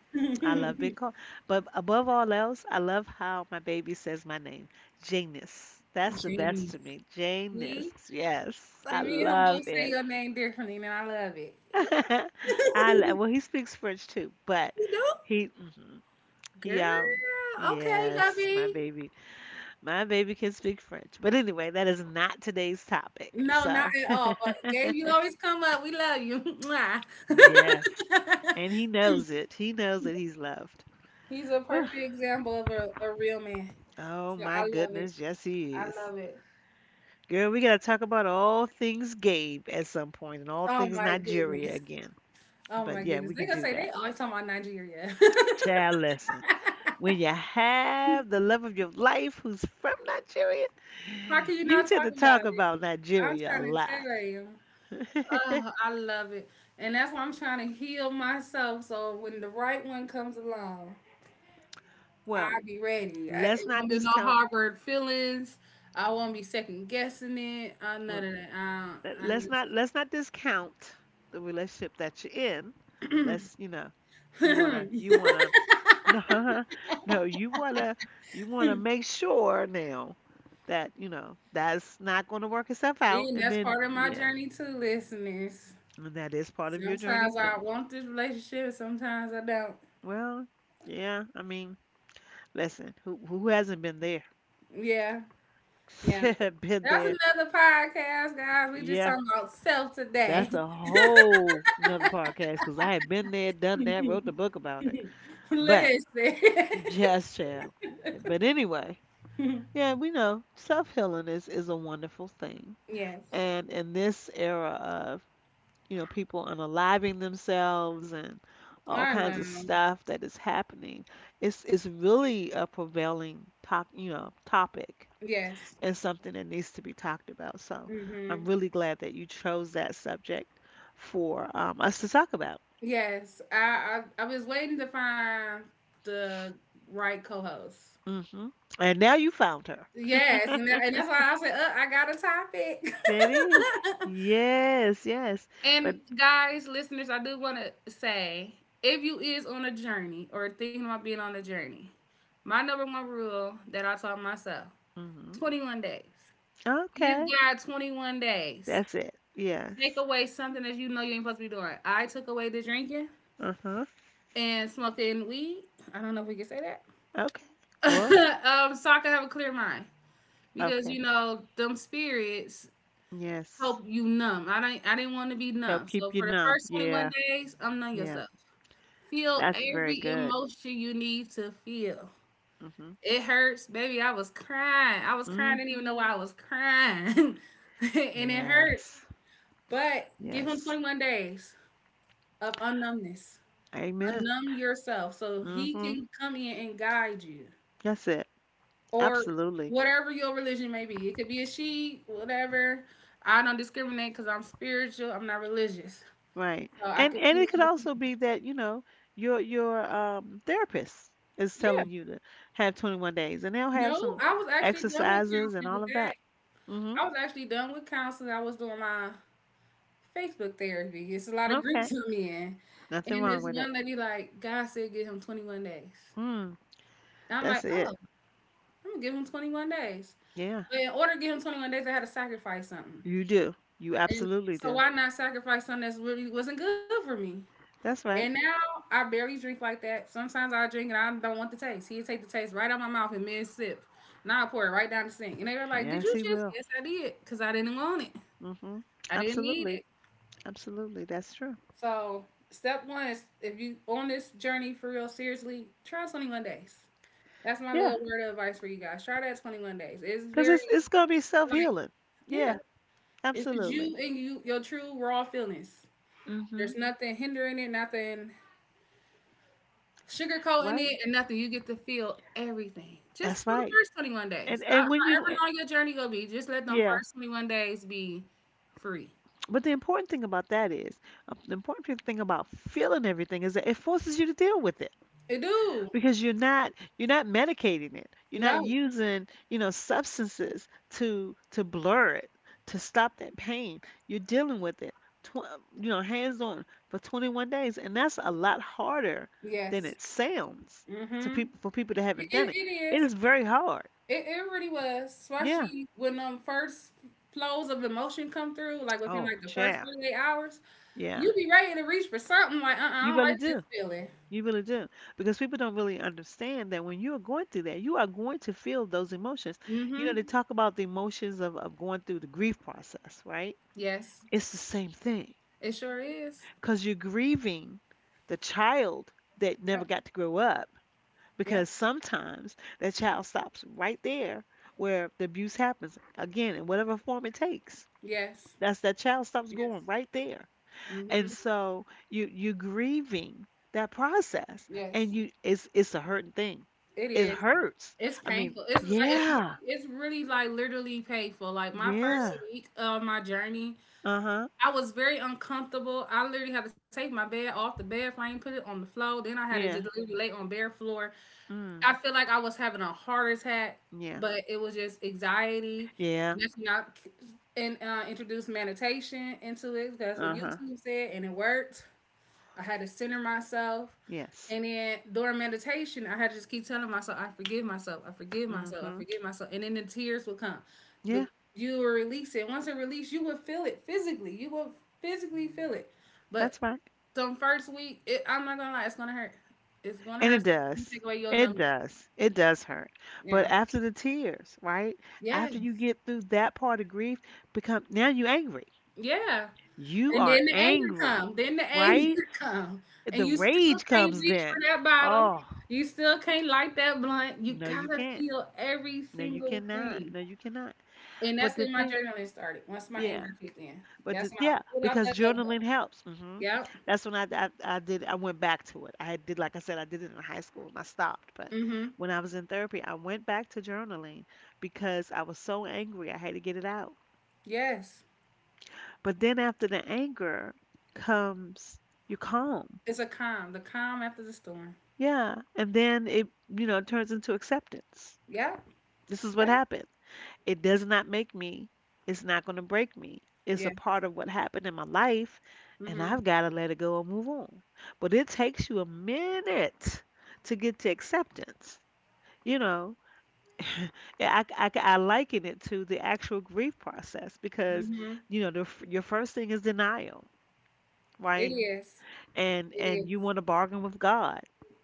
I love Janice. being called. But above all else, I love how my baby says my name, Janus. That's the best to Janice. me. See? Janus. Yes, See I me and him both love say it. your name differently and I love it. I lo- well, he speaks French too, but You do? he mhm. he Girl. um Okay, Yes, my hubby. baby. My baby can speak French. But anyway, that is not today's topic. No, not So, at all. But Gabe, you always come up. We love you. Mwah. yes, and he knows it. He knows that he's loved. He's a Whew. perfect example of a, a real man. Oh So my I love it. goodness, yes he I is. love it. Girl, we gotta talk about all things Gabe at some point and all Oh things my Nigeria goodness. again. Oh But my yeah, goodness. we They can gonna do say they that. always talking about Nigeria. Child listen. When you have the love of your life who's from Nigeria, How can you you not tend talk to talk about it? about I'm Nigeria a trying to lot. tell you. Oh, I love it. And that's why I'm trying to heal myself so when the right one comes along, well, I'll be ready. I, let's it not won't be no discount harbored feelings. I won't be second guessing it. I well none of that. I, let- I let's just not let's not discount the relationship that you're in. Let's, you know, you wanna you wanna— no, no, you wanna you wanna make sure now that, you know, that's not gonna work itself see, out and and that's then part of my yeah, journey too, listeners. and that is part of your journey Sometimes too. I want this relationship, sometimes I don't. Well, yeah, I mean, listen, who who hasn't been there? Yeah, yeah. Been That's there. another podcast, guys. We just Yeah, talking about self today. that's a whole another podcast because I have been there, done that, wrote the book about it. But Listen. just child. But anyway, yeah, we know self healing is is a wonderful thing. Yes. And in this era, you know, people unaliving themselves and I all kinds of know. stuff that is happening. It's it's really a prevailing top, you know, topic Yes. and something that needs to be talked about. So Hmm. I'm really glad that you chose that subject for um, us to talk about. Yes, I, I I was waiting to find the right co-host. hmm And now you found her. Yes, and, that, and that's why I said uh, I got a topic. That is. Yes, yes. And But guys, listeners, I do want to say if you is on a journey or thinking about being on a journey, my number one rule that I taught myself: hmm twenty one days. Give okay, God twenty one days. that's it. Take Yes. away something that you know you ain't supposed to be doing. I took away the drinking Uh-huh. and smoking weed. I don't know if we can say that. Okay. Well, um, Sokka have a clear mind because okay. you know them spirits Yes. help you numb. I don't. I didn't want to be Help numb. So keep you for the numb. first twenty one Yeah, days, I numb yeah. yourself. Feel That's very every good. emotion you need to feel. Mhm. It hurts, baby. I was crying. I was crying. I didn't even Mhm. know why I was crying, and it hurts. Yes. But give him Yes. twenty one days of unnumbness. Amen. Unnumb yourself so he Mhm. can come in and guide you. That's it. Or Absolutely. whatever your religion may be. It could be a she, whatever. I don't discriminate because I'm spiritual. I'm not religious, Right. so I And and completely it could understand. also be that, you know, your your um therapist is Yeah, telling you to have twenty-one days and they'll have no, some I was actually done with exercises and counseling all with of that. that. Mhm. I was actually done with counseling. I was doing my Facebook therapy. It's a lot of Okay. groups I'm in, Nothing and wrong this with it. one lady like God said give him twenty one days. Mm. And I'm That's like, it. oh, I'm gonna give him twenty one days. Yeah. But in order to give him twenty one days, I had to sacrifice something. You do. You And absolutely so do. why not sacrifice something that's really wasn't good for me? That's And right. now I barely drink like that. Sometimes I drink and I don't want the taste. He'd take the taste right out my mouth and mid sip. Now I pour it right down the sink. And they were like, did Yes, you he just? will. Yes, I did. Because I didn't want it. hmm I didn't need Absolutely. it. Absolutely. That's true. So, step one is if you on this journey for real, seriously, try twenty one days. That's my Yeah. little word of advice for you guys. Try that twenty one days. It's Because it's, very, it's going to be self like, healing. Yeah. yeah, it's just Absolutely. you and you, your true raw feelings. There's hmm nothing hindering it, nothing sugarcoating Right? it and nothing, you get to feel everything just That's for the right. first twenty one And, days. Ho- and when you, However eh, long your journey gonna be, just let them Yeah. first twenty one days be free. But the important thing about that is, uh, the important thing about feeling everything is that it forces you to deal with it. It do. Because you're not you're not medicating it, you're not No. using, you know, substances to to blur it, to stop that pain. You're dealing with it, tw- you know, hands on for twenty-one days, and that's a lot harder than Yes. it sounds to Mm-hmm. people, for people that It, haven't done it, it. it It is. is very hard. It, it really was. Yeah. Especially when um first flows of emotion come through, like within Oh like the first yeah, forty eight hours, yeah. you be ready to reach for something like, uh-uh, I You don't really like this do. feeling. You really do. Because people don't really understand that when you are going through that, you are going to feel those emotions. You know, Mm-hmm. they talk about the emotions of, of going through the grief process, right? Yes. It's the same thing. It sure is. Because you're grieving the child that never Yep. got to grow up. Yep. Because sometimes that child stops right there where the abuse happens, again, in whatever form it takes. Yes. That's— that child stops Yes. growing right there. Mm-hmm. And so you you grieving that process and Yes, you— it's it's a hurting thing. it It is. hurts. It's I mean, painful. It's like it's really- yeah. it's really like literally painful. Like my Yeah. first week of my journey, Uh-huh. I was very uncomfortable. I literally had to take my bed off the bed frame, put it on the floor. Then I had to just Yeah. literally lay on bare floor. Mm. I feel like I was having a heart attack, Yeah. but it was just anxiety. Yeah. And that's when I and uh, introduced meditation into it because that's what Uh-huh. YouTube said, and it worked. I had to center myself. Yes. And then during meditation, I had to just keep telling myself, I forgive myself, I forgive Mm. myself, I Mhm. forgive myself. And then the tears would come. The Yeah, You will release it. Once it released, you would feel it physically. You will physically feel it. But that's right. some first week, it, I'm not gonna lie, it's gonna hurt. It's gonna And hurt. it So you take does. away your It numbers. does. It does hurt. Yeah. But after the tears, right? Yes. After you get through that part of grief, become— now you angry. Yeah. You And are then the anger angry, come. Then the right? anger come. And The you still rage can't comes reach for then. that bottle. Oh, You still can't light that blunt. You no, you gotta can't. feel every No, you single cannot. thing. No, you cannot. And But that's the when my thing, journaling started. Once my yeah, anger kicked in. but That's the, when I Yeah, pulled out because that notebook. journaling helps. hmm Yep. That's when I, I I did. I went back to it. I did, like I said, I did it in high school and I stopped. But Mm-hmm. when I was in therapy, I went back to journaling because I was so angry. I had to get it out. Yes. But then after the anger comes, you calm. It's a calm. The calm after the storm. Yeah, and then it, you know, turns into acceptance. Yep. This is what Yep. happened. It does not make me. It's not going to break me. It's a Yeah. part of what happened in my life, and Mm-hmm. I've got to let it go and move on. But it takes you a minute to get to acceptance. You know, Yeah, I, I, I liken it to the actual grief process because, Mm-hmm. you know, the, f- your first thing is denial, It right? is. And It and is. you want to bargain with God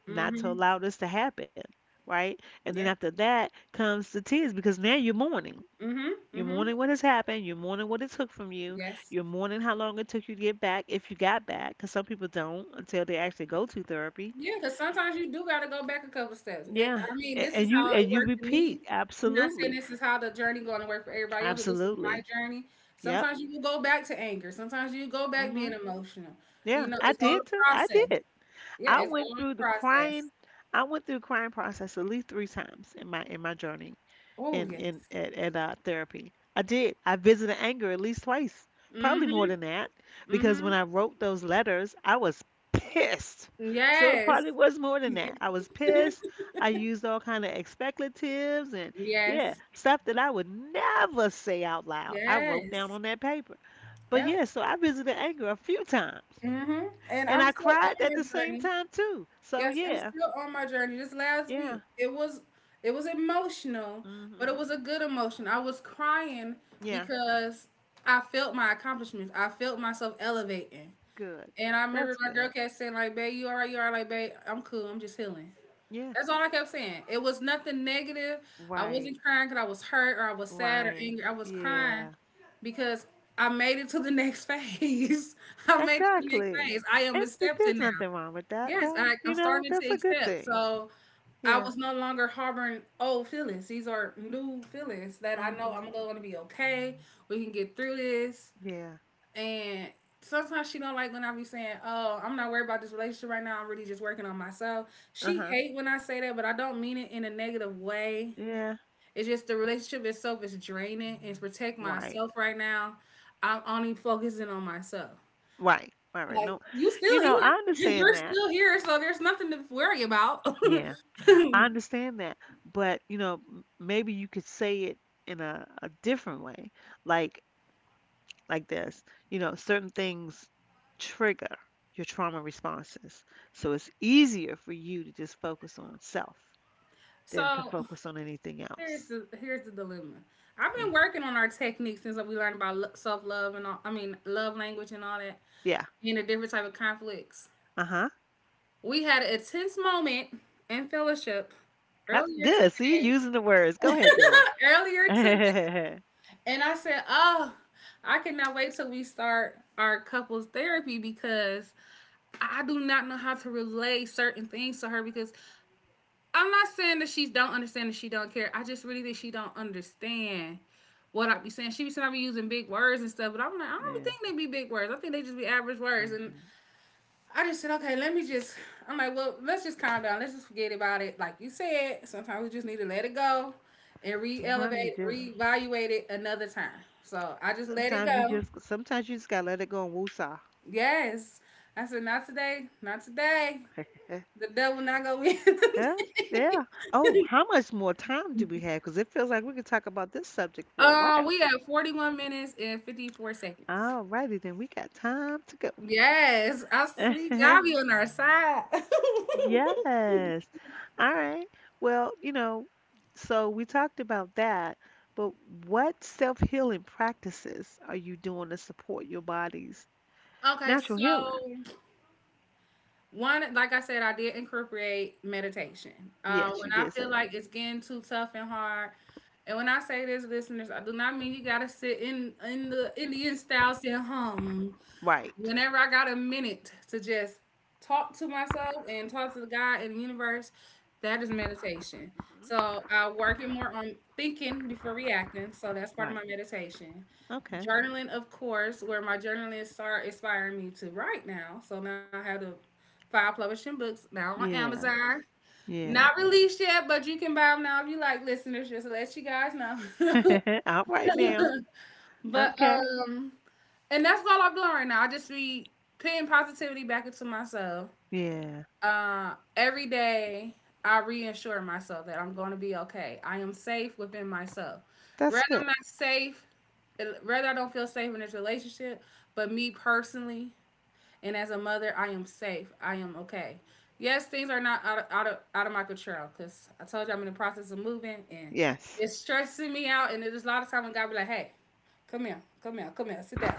not to Mm-hmm. allow this to happen, right? And then Yep. after that comes the tears because now you're mourning Mm-hmm. You're Mm-hmm. mourning what has happened. You're mourning what it took from you. Yes. You're mourning how long it took you to get back, if you got back, because some people don't until they actually go to therapy. Yeah, because sometimes you do got to go back a couple steps. It, Yeah, I mean, A- this is and how you it and you worked for me. repeat. I'm not saying Absolutely, this is how the journey going to work for everybody else, but this is my absolutely. journey. Yep. Sometimes you will go back to anger. Sometimes you go back hmm being emotional. Yeah, You know, I it's all did a too. I process. did. Yeah, I it's went all a through the process. crying. I went through the crying process at least three times in my in my journey. Oh in yes. in at, at uh, therapy. I did. I visited anger at least twice, probably more Mm-hmm. than that, because Mm-hmm. when I wrote those letters, I was pissed. So it Yes. probably was more than that. I was pissed. I used all kind of expletives and yeah, Yes. stuff that I would never say out loud. I wrote down Yes. on that paper. But Yeah. yeah, so I visited anger a few times, Mm-hmm. And and I'm I still cried on at my the same journey. time too. So Yes, I'm yeah, still on my journey. This last yeah, week, it was it was emotional, but it mhm, was a good emotion. I was crying yeah, because I felt my accomplishments. I felt myself elevating. good. And I remember That's my girl good. kept saying like, "Babe, you all right? You all right? Like, babe, I'm cool. I'm just healing." Yeah. That's all I kept saying. It was nothing negative. I Right. wasn't crying because I was hurt or I was sad or Right. angry. I was crying Yeah. because I made it to the next phase. I made it to the next Exactly. phase. I am And it, accepted there's now. nothing wrong with that, Yes, though. I, You I'm know, starting to that's a good accept. thing. So I Yeah. was no longer harboring old feelings. These are new feelings that I know Mhm. I'm going to be okay. We can get through this. Yeah. And sometimes she don't like when I be saying, "Oh, I'm not worried about this relationship right now. I'm really just working on myself." Uh She huh. hate when I say that, but I don't mean it in a negative way. Yeah. It's just the relationship itself is draining and to protect Right. myself right now. I'm only focusing on myself. Right. Right. Right. Like No. you You still know, here. I understand You're that. still here, so there's nothing to worry about. Yeah. I understand that. But you know, m- maybe you could say it in a, a different way, like like this. You know, certain things trigger your trauma responses, so it's easier for you to just focus on self. than to So focus on anything here's else. the here's the dilemma. I've been Uh, working on our techniques since we learned about self love and all. I mean, love language and all that, Yeah. and the different type of conflicts. Uh huh. We had a tense moment in fellowship earlier Good. See, you today. using the words. Go ahead, girl. Earlier today, and I said, "Oh, I cannot wait till we start our couples therapy because I do not know how to relay certain things to her because I'm not saying that she don't understand and she don't care. I just really think she don't understand what I be saying. She be saying I be using big words and stuff, but I'm like, I yeah. don't hmm think they be big words. I think they just be average words. And I just said, okay, let me just. I'm like, well, let's just calm down. Let's just forget about it. Like you said, sometimes we just need to let it go and Sometimes you re-elevate, do. reevaluate it another time. So I just let it Sometimes you go. just. Sometimes you just gotta let it go and woosah. Yes, I said, not today, not today. The devil not go in. yeah. Yeah. Oh, how much more time do we have? Because it feels like we could talk about this subject for a Uh, while. We have forty one minutes and fifty four seconds. All righty, then we got time to Yes, I see go. God be on our side. yes. All right. Well, you know, so we talked about that, but what self-healing practices are you doing to support your body's Okay, natural healing? so one, like I said, I did incorporate meditation. Um, Yes, When you I did say feel that. like it's getting too tough and hard, and when I say this, listeners, I do not mean you gotta sit in in the Indian style, sit hum. Right. Whenever I got a minute to just talk to myself and talk to the God and the universe, that is meditation. So I'm working more on thinking before reacting. So that's part of Right. my meditation. Okay. Journaling, of course, where my journalists are inspiring me to write now. So now I have the five publishing books now on Yeah. Amazon. Yeah. Not released yet, but you can buy them now if you like listeners, just to let you guys know. All right now. but Okay. Um and that's all I'm doing right now. I just be putting positivity back into myself. Yeah. Uh, every day, I reassure myself that I'm going to be okay. I am safe within myself. Rather, That's I'm good. not safe, rather, I don't feel safe in this relationship, but me personally, and as a mother, I am safe. I am okay. Yes, things are not out of, out of, out of my control because I told you I'm in the process of moving and Yes. it's stressing me out. And there's a lot of time when God be like, hey, come here, come here, come here, sit down.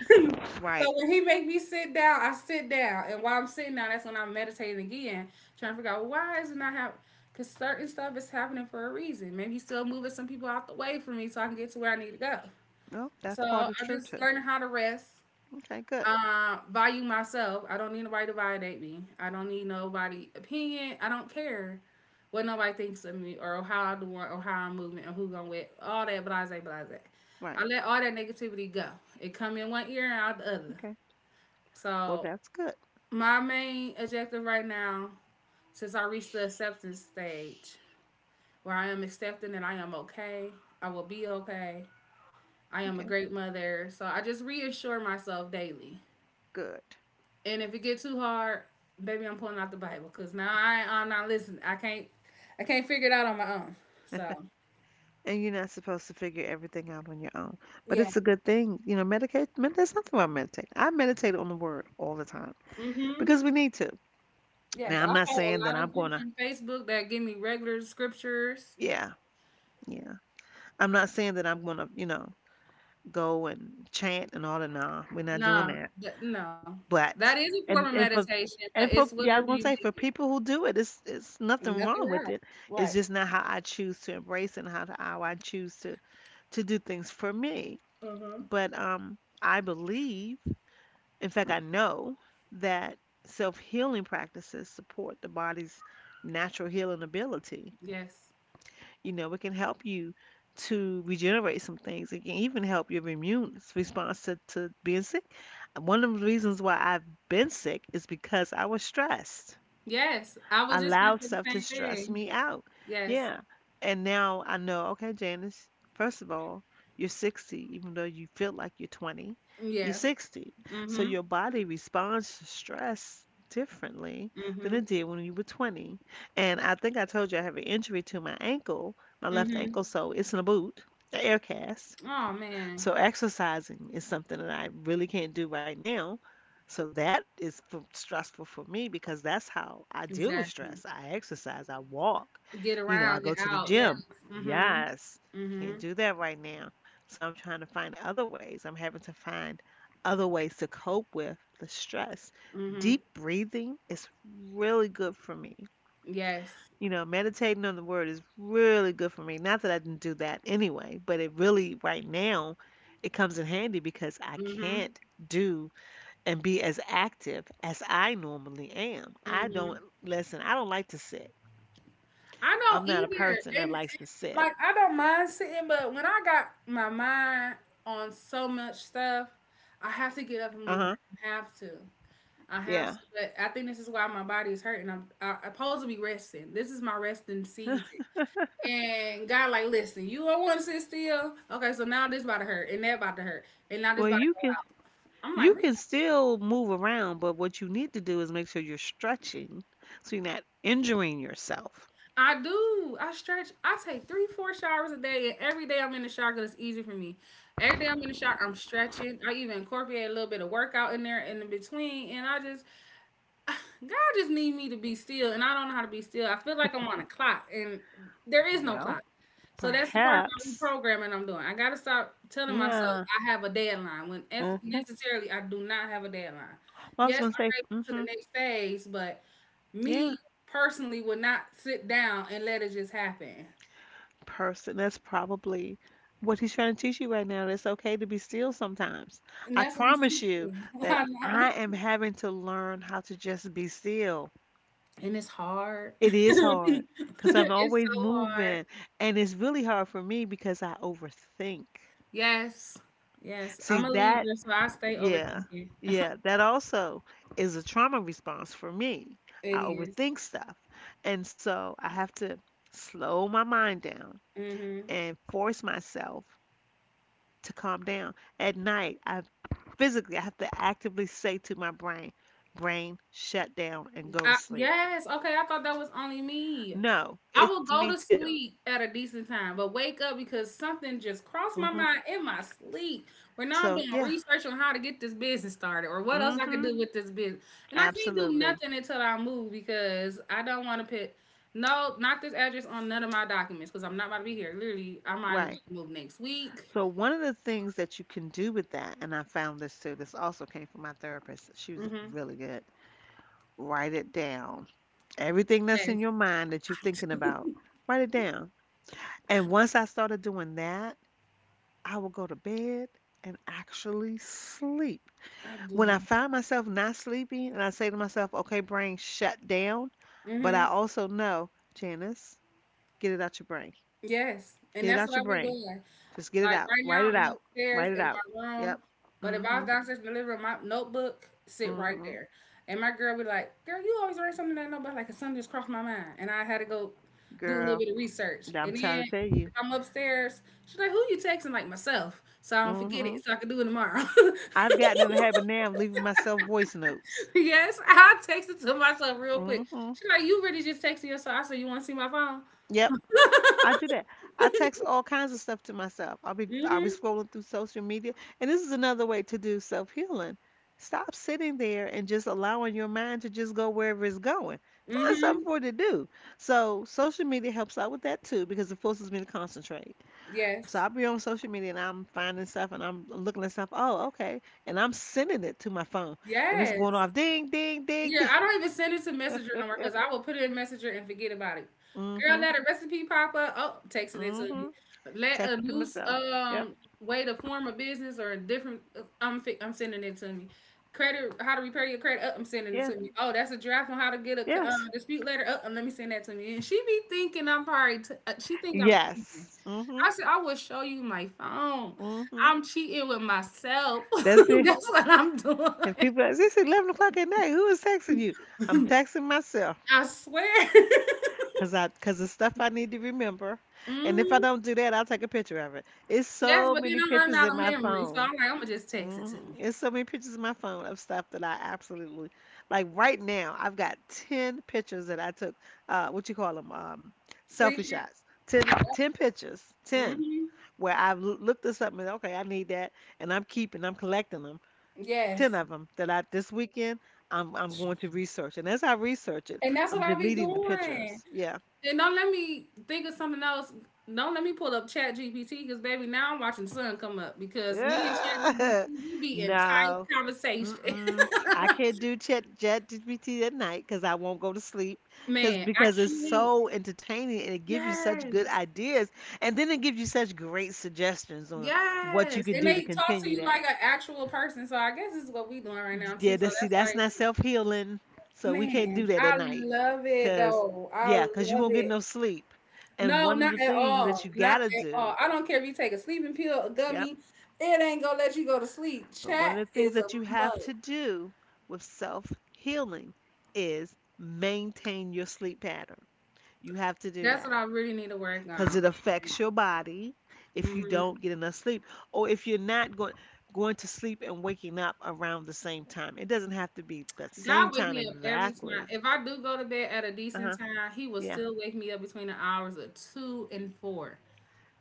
Right. So when he make me sit down, I sit down, and while I'm sitting down, that's when I'm meditating again, trying to figure out well, why is it not happening. Cause certain stuff is happening for a reason. Maybe he's still moving some people out the way for me, so I can get to where I need to go. Well, So that's part is I'm true just too. learning how to rest, Okay, good. uh, value myself. I don't need nobody to validate me. I don't need nobody opinion. I don't care what nobody thinks of me or how I do it or how I'm moving or who I'm with. All that blase blase. I Right. let all that negativity go. It come in one ear and out the other. Okay. Well, So that's good. my main objective right now, since I reached the acceptance stage, where I am accepting that I am okay, I will be okay, I am a Okay, great mother. So I just reassure myself daily. good. And if it gets too hard, baby, I'm pulling out the Bible because now I I'm not listening. I can't I can't figure it out on my own. So And you're not supposed to figure everything out on your own. But yeah. it's a good thing. You know, medicate, med- there's nothing wrong meditating. I meditate on the word all the time Mm. because Mhm. we need to. Yes, Now, I I'm not follow a saying that lot I'm of going groups to, on Facebook that give me regular scriptures. yeah, yeah. I'm not saying that I'm going to, you know, go and chant and all that. Nah, we're not doing No, that. that no. That is But, a form of and, and for, meditation, but and it's for, whatever yeah, I was you going to say, make for it. people who do it, it's, it's nothing wrong Nothing with wrong. it. It's Right. just not how I choose to embrace and how, to, how I choose to, to do things for me. Mm-hmm. But, um, I believe. In fact, I know that self healing practices support the body's natural healing ability. Yes. You know, it can help you to regenerate some things. It can even help your immune response to, to being sick. One of the reasons why I've been sick is because I was stressed Yes. I was just gonna allow say the stuff to same stress thing. me out. Yes. Yeah. And now I know, okay, Janice, first of all, you're sixty, even though you feel like you're twenty, you're Yeah. sixty. So Mm-hmm. your body responds to stress differently than Mm-hmm. it did when you were twenty. And I think I told you I have an injury to my ankle, my left Mm-hmm. ankle, so it's in a boot, an air cast. Oh man. So exercising is something that I really can't do right now. So that is f stressful for me because that's how I deal with Exactly. stress. I exercise, I walk, Get you know, I around, go get to the out, yes. gym. Mm-hmm. Yes, can't Mm-hmm. do that right now. So I'm trying to find other ways. I'm having to find other ways to cope with the stress. Mm-hmm. Deep breathing is really good for me. Yes. You know, meditating on the word is really good for me. Not that I didn't do that anyway, but it really, right now, it comes in handy because I Mm-hmm. can't do and be as active as I normally am. I Mm-hmm. don't, listen, I don't like to sit. I I'm don't not a either. person that And likes to sit. like I don't mind sitting, but when I got my mind on so much stuff, I have to get up and Uh-huh. move. I have to. I have Yeah. to. But I think this is why my body is hurting. I'm, I, I'm supposed to be resting. This is my resting season. And God, like, listen, you don't want to sit still. Okay, so now this about to hurt, and that about to hurt, and now this Well, about to you hurt. can I'm you like, can still move around, but what you need to do is make sure you're stretching so you're not injuring yourself. I do. I stretch. I take three, four showers a day, and every day I'm in the shower because it's easy for me. Every day I'm in the shower, I'm stretching. I even incorporate a little bit of workout in there in the between, and I just God just need me to be still, and I don't know how to be still. I feel like I'm on a clock, and there is no Well, clock. So that's the part of my perhaps. reprogramming I'm doing. I gotta stop telling myself Yeah. I have a deadline when if Uh, necessarily I do not have a deadline. Well, I was Yes, going to I'm say, ready to go to hmm, the next phase, but yeah, me personally would not sit down and let it just happen. person. That's probably what he's trying to teach you right now. It's okay to be still sometimes. And I that's what he's promise teaching you me. that I know. I am having to learn how to just be still. And it's hard. It is hard because I'm It's always so hard. moving, and it's really hard for me because I overthink. Yes. Yes. See, I'm a that, Libra, so I stay yeah, overthinking. yeah, that also is a trauma response for me. It I is. overthink stuff, and so I have to slow my mind down Mm-hmm. and force myself to calm down. At night, I physically I have to actively say to my brain, brain, shut down and go to I sleep. yes, okay, I thought that was only me. No, I it's will me go to too. sleep at a decent time, but wake up because something just crossed hmm my mind in my sleep. Where now So I'm doing yeah, research on how to get this business started or what else I hmm could do with this business. And I can't do absolutely nothing until I move because I don't want to put no, not this address on none of my documents because I'm not about to be here. Literally, I'm either about right. to move next week. So one of the things that you can do with that, and I found this too. This also came from my therapist. She was Hmm. really good. Write it down. Everything that's Yes, in your mind that you're thinking about, write it down. And once I started doing that, I will go to bed and actually sleep. I When do. I find myself not sleeping and I say to myself, okay, brain, shut down. But Hmm. I also know, Janice, get it out your brain. Yes, and Get it that's what out your I be brain. doing. Just get it Like out. right Write now, I'm it out. upstairs Write it in out. my room, Yep. but if I Mm-hmm. was downstairs in the living room, my notebook sit right Mm-hmm. there. And my girl be like, "Girl, you always write something in that notebook." Like something just crossed my mind, and I had to go do a little Girl, bit of research. I'm And trying then to tell you. if I'm upstairs, she's like, "Who you texting?" Like myself, so I don't forget Mm-hmm. it, so I can do it tomorrow. I've gotten in the habit now of leaving myself voice notes. Yes, I text it to myself real quick. Mm-hmm. She's like, "You really just texting yourself?" I said, "You want to see my phone?" Yep. I do that. I text all kinds of stuff to myself. I'll be I'll be Mm-hmm. scrolling through social media, and this is another way to do self-healing. Stop sitting there and just allowing your mind to just go wherever it's going. Find Mm-hmm. something for it to do. So social media helps out with that too because it forces me to concentrate. So Yes. I'll be on social media and I'm finding stuff and I'm looking at stuff. Oh, okay, and I'm sending it to my phone, and it's going Yes. off ding ding ding Yeah, ding. I don't even send it to Messenger no more because I will put it in Messenger and forget about it. Girl, Mhm, let a recipe pop up. Oh, texting it to me. mhm. Let a Text to loose myself. Yep. um way to form a business or a different. uh, I'm fi- I'm sending it to me. Credit, how to repair your credit? Up, I'm sending it Yeah. to me. Oh, that's a draft on how to get a c- uh, Yes. dispute letter. Up, let me send that to me. And she be thinking I'm probably. T- uh, she think I'm cheating. Yes. Mhm. I said I will show you my phone. Mhm. I'm cheating with myself. That's it. That's what I'm doing. And people, ask, it's eleven o'clock at night. Who is texting you? I'm texting myself, I swear. cause I, cause it's stuff I need to remember. And if I Hmm. don't do that, I'll take a picture of it. It's Yes, so but then many I'm running pictures out in of my memory, so phone. I'm like, I'm gonna just text it to Mhm. me. It's so many pictures in my phone of stuff that I absolutely like. Right now, I've got ten pictures that I took. Uh, what you call them? Um, selfie Screenshot. shots. Ten, ten pictures. Ten Hmm. where I've l- looked this up and okay, I need that, and I'm keeping, I'm collecting them ten Yes, of them that I this weekend I'm I'm going to research. And as I research it, and that's I'm what I be deleting the doing. pictures. Yeah. And don't let me think of something else. Don't let me pull up Chat G P T because baby, now I'm watching Sun come up because me and Chat Yeah. G P T we be in tight no. conversation. Mm-mm. I can't do chat chat G P T at night because I won't go to sleep because Man, I because it's can't. so entertaining and it gives you such good Yes. ideas and then it gives you such great suggestions on what you Yes. can And do to they talk to continue. you like an actual person. So I guess this is what we doing right now Yeah, too. So that, see, that's why that's not self healing. So we can't do Man, that I at night. love it Cause, though. I yeah, cause you love won't get it. no sleep. And No, one of not the at things that all. you Not gotta at do, all. I don't care if you take a sleeping pill, a yep, gummy, it ain't gonna let you go to sleep. but one Chat of the things is a that you have must. to do with self healing is maintain your sleep pattern. You have to do That's that what I really need to work because on. it affects your body if you Hmm. don't get enough sleep or if you're not going going to sleep and waking up around the same time. It doesn't have to be the God same wake time me up every time. exactly. If I do go to bed at a Uh huh. decent time, He will still wake me up between the hours of two and four.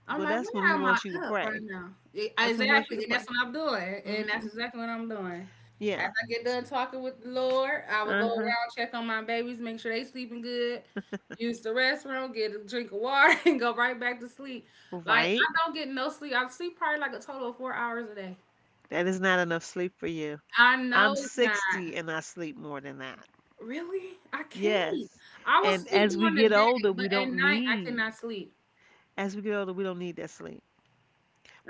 I'm Well, like, that's when where he am I wants you to up right pray. now? E- That's when he wants Exactly, you to and pray. that's what I'm doing, Hmm. and that's exactly what I'm doing. After Yeah. I get done talking with the Lord, I will go Uh-huh. around check on my babies, make sure they sleeping good, use the restroom, get a drink of water, and go right back to sleep. Like Right? I don't get no sleep. I sleep probably like a total of four hours a day. That is not enough sleep for you. I know I'm it's not. sixty and I sleep more than that. Really? I can't. Yes. I will And sleep as we during the get older, day, but we at don't night I need, cannot sleep. as we get older, we don't need that sleep.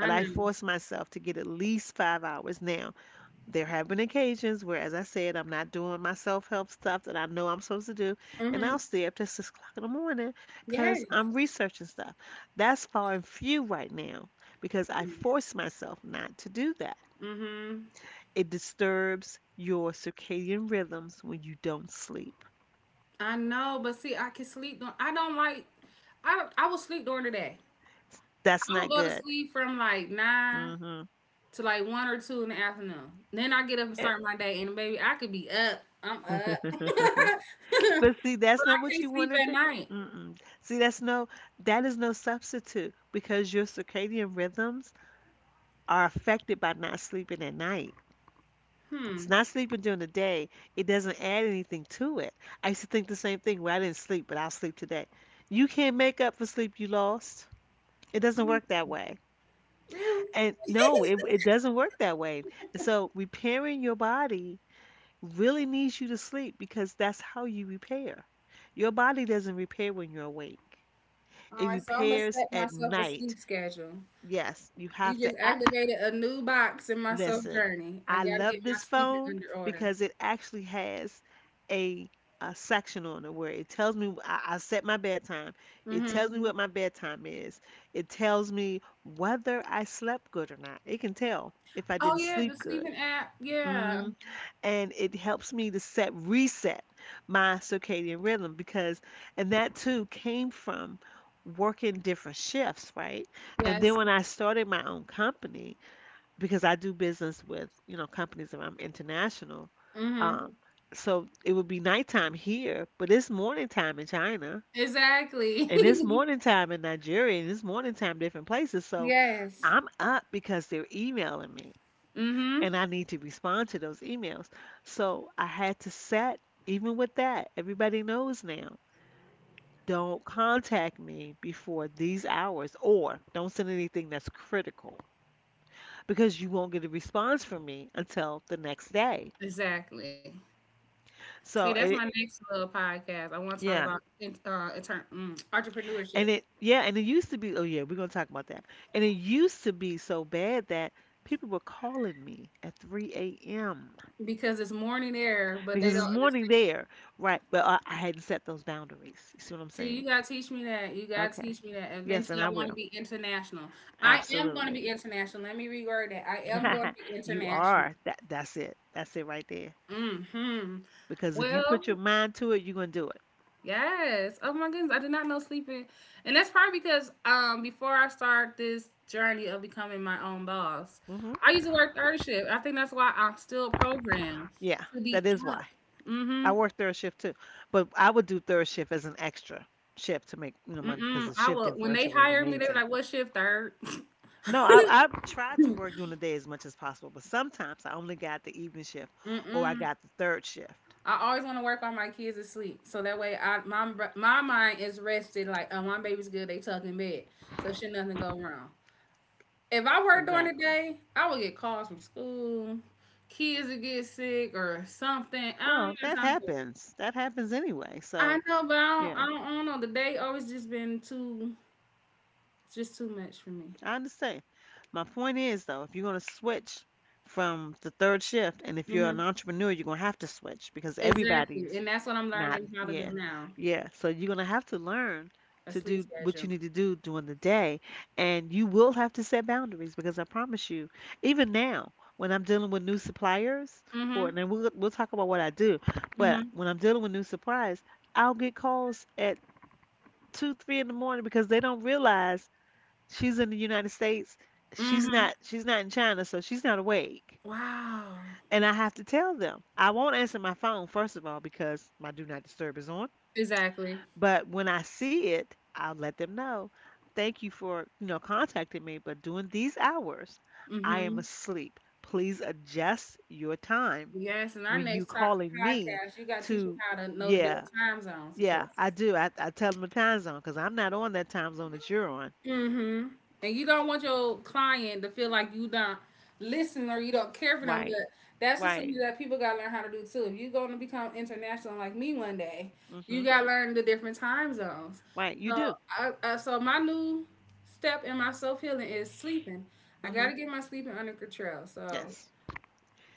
I I know. force myself to get at least five hours now. There have been occasions where, as I said, I'm not doing my self-help stuff that I know I'm supposed to do, and Mhm. I'll stay up to six o'clock in the morning Yeah. because I'm researching stuff. That's far and few right now because I force myself not to do that. Mhm. It disturbs your circadian rhythms when you don't sleep. I know, but see, I can sleep. During, I don't like. I don't- I will sleep during the day. That's I will not go to good. sleep from like nine Hmm. to like one or two in the afternoon. Then I get up and start my day, and baby, I could be up. I'm up, but But I see, that's not what can't you want sleep to at do. night. Mm-mm. See, that's no, that is no substitute because your circadian rhythms are affected by not sleeping at night. It's Hmm. not sleeping during the day. It doesn't add anything to it. I used to think the same thing. Well, I didn't sleep, but I'll sleep today. You can't make up for sleep you lost. It doesn't work that way. Really? And no, it, it doesn't work that way. And so repairing your body really needs you to sleep because that's how you repair. Your body doesn't repair when you're awake. All It right. So I'm gonna repairs set at myself a night. sleep schedule. Yes, you You have to. just I, activated a new box in my self listen, journey. I I gotta love get my this sleeping phone under order. because it actually has a, a section on it where it tells me I, I set my bedtime. It Mm-hmm. tells me what my bedtime is. It tells me whether I slept good or not. It can tell if I Oh didn't yeah, the sleep good. sleeping app. Yeah. Mm. And it helps me to set reset my circadian rhythm because, and that too came from working different shifts, right? And then Yes. when I started my own company, because I do business with, you know, companies that I'm international. Mm-hmm. Um, so it would be nighttime here, but it's morning time in China, Exactly. and it's morning time in Nigeria, and it's morning time different places. So Yes. I'm up because they're emailing me, Mhm. and I need to respond to those emails. So I had to set, even with that, everybody knows now. Don't contact me before these hours, or don't send anything that's critical, because you won't get a response from me until the next day. Exactly. See, that's So my it, next little podcast. I want to talk yeah, about in, uh, intern, mm, entrepreneurship and it yeah, and it used to be, oh yeah, we're gonna talk about that. And it used to be so bad that people were calling me at three a m because it's morning air, but they because it's don't morning understand. there, right? But I, I hadn't set those boundaries. You see what I'm See, saying? you gotta teach me that. You gotta Okay. teach me that. Yes, and Eventually, I I want to will. be international. I am going to Absolutely. be international. Let me reword that. I am going to be You international. are that. That's it. That's it right there. Hmm. Because if you Well, put your mind to it, you're gonna do it. yes. Oh my goodness, I did not know sleeping, and that's probably because um before I start this journey of becoming my own boss, I Hmm. used to work third shift. I think that's why I'm still programmed Yeah, to be that is up. why. I Mm-hmm. work third shift too, but I would do third shift as an extra shift to make you know money because Mm-mm. the I shift will. When they differential was hired me, they were amazing. like, "What shift? Third? No, I I tried to work during the day as much as possible, but sometimes I only got the evening shift or I Mm-mm. got the third shift. I always want to work while my kids asleep, so that way I my br- my mind is rested. Like, oh, my baby's good. They tucked in bed, so should nothing go wrong. If I work during the Exactly. day, I would get calls from school, kids would get sick or something. I don't Well, have that time for it. happens. That happens anyway. I So know, but I don't, yeah, I don't. I don't know. The day always just been too, just too much for me. I understand. My point is though, if you're gonna switch from the third shift, and if you're an Hmm. entrepreneur, you're gonna have to switch because everybody's Exactly, and that's what I'm not, learning how to do yeah, now. yeah. So you're gonna have to learn A to sleep do what you schedule. need to do during the day, and you will have to set boundaries because I promise you, even now, when I'm dealing with new suppliers for, Hmm. and then we'll we'll talk about what I do, Hmm. but when I'm dealing with new suppliers, I'll get calls at two, three in the morning because they don't realize she's in the United States, she's Hmm. not, she's not in China, so she's not awake. Wow. And I have to tell them. I won't answer my phone, first of all, because my do not disturb is on. Exactly. But when I see it, I'll let them know. Thank you for, you know, contacting me, but during these hours, I am Hmm. asleep. Please adjust your time Yes, and our when you next top calling me podcast, you got to teach me to, how to know the different yeah, time zones because yeah, I do. I, I tell them the time zone because I'm not on that time zone that you're on. mm-hmm. And you don't want your client to feel like you don't listen or you don't care for them, Right, but that's just right, something that people gotta learn how to do too. If you're gonna become international like me one day, you mm-hmm, gotta learn the different time zones. right. You So, do. I, I so my new step in my self healing is sleeping. I Mm-hmm. gotta get my sleeping under control. So, Yes,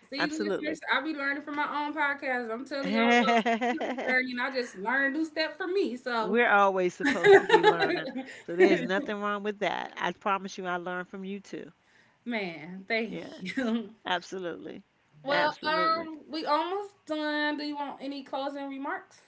see, listeners, absolutely. I be learning from my own podcast. I'm telling y'all about self healing journey, and I just learn a new step for me. So. We're always supposed to be learning. So there's nothing wrong with that. I promise you I learned from you too. Man, thank Yes. you. Absolutely. Well, Absolutely. um, we almost done. Do you want any closing remarks?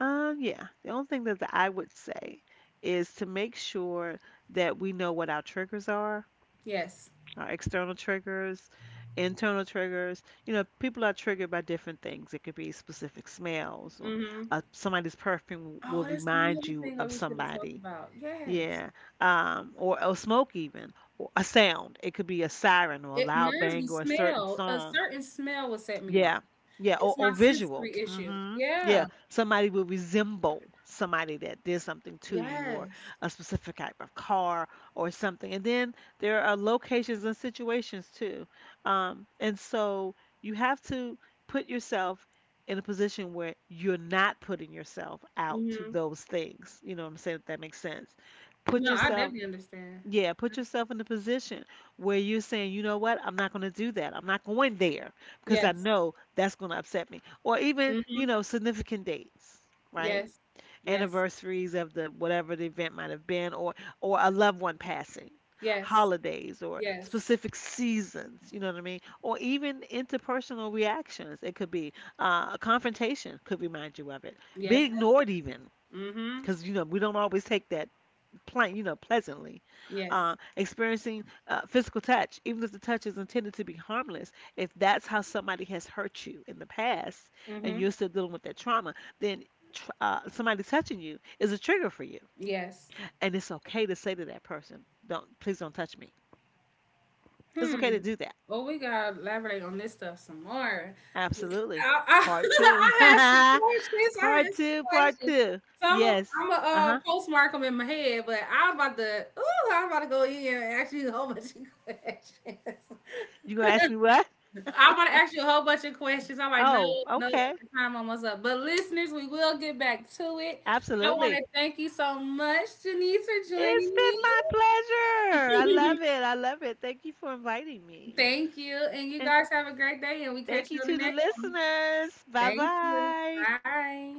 Um, yeah. The only thing that I would say is to make sure that we know what our triggers are, Yes. our external triggers, internal triggers. You know, people are triggered by different things. It could be specific smells or Mm-hmm. uh, somebody's perfume will Oh, that's remind another you thing that of we should have talked somebody. about. Yes. Yeah. Um, or, or smoke even. Or a sound. It could be a siren or a It loud reminds me bang or a certain smell. A song. certain smell will set me off. Yeah. Yeah. Or, It's my or visual. sensory issue. Hmm. Yeah. Yeah. Somebody will resemble somebody that did something to you or Yes. a specific type of car or something. And then there are locations and situations too. Um, and so you have to put yourself in a position where you're not putting yourself out to Mm-hmm. those things. You know what I'm saying? If that makes sense. Put No, I yourself, definitely understand. yeah, put yourself in the position where you're saying, you know what, I'm not going to do that. I'm not going there because I Yes. know that's going to upset me. Or even, Mm-hmm. you know, significant dates, right? Yes. Yes. Anniversaries of the whatever the event might have been, or or a loved one passing, Yes. holidays, or Yes. specific seasons. You know what I mean? Or even interpersonal reactions. It could be uh, a confrontation could remind you of it. Be Yes, that's ignored even it. Mm-hmm. because you know we don't always take that plain, you know, pleasantly, Yes. uh, experiencing uh, physical touch, even if the touch is intended to be harmless. If that's how somebody has hurt you in the past, and Mm-hmm. you're still dealing with that trauma, then tr- uh, somebody touching you is a trigger for you, Yes. and it's okay to say to that person, "Don't, please, don't touch me." It's okay Hmm. to do that. Well, we gotta elaborate on this stuff some more. 'Cause Absolutely. I, I, Part two. I had some Part questions. I had two. some Part questions. two. So I'm gonna Yes. I'm a, Uh uh, huh. postmark them in my head, but I'm about to, ooh, I'm about to go in and ask you a whole bunch of questions. You gonna ask me what? I'm gonna ask you a whole bunch of questions. I'm like, no, Oh, no, okay. our time almost up. But listeners, we will get back to it. I want to Absolutely. thank you so much, Janice, for It's joining been me. my pleasure. I love it. I love it. Thank you for inviting me. Thank you, and you And guys have a great day, and we thank catch you you on the to the next one. listeners. Bye Thank you. bye. Bye.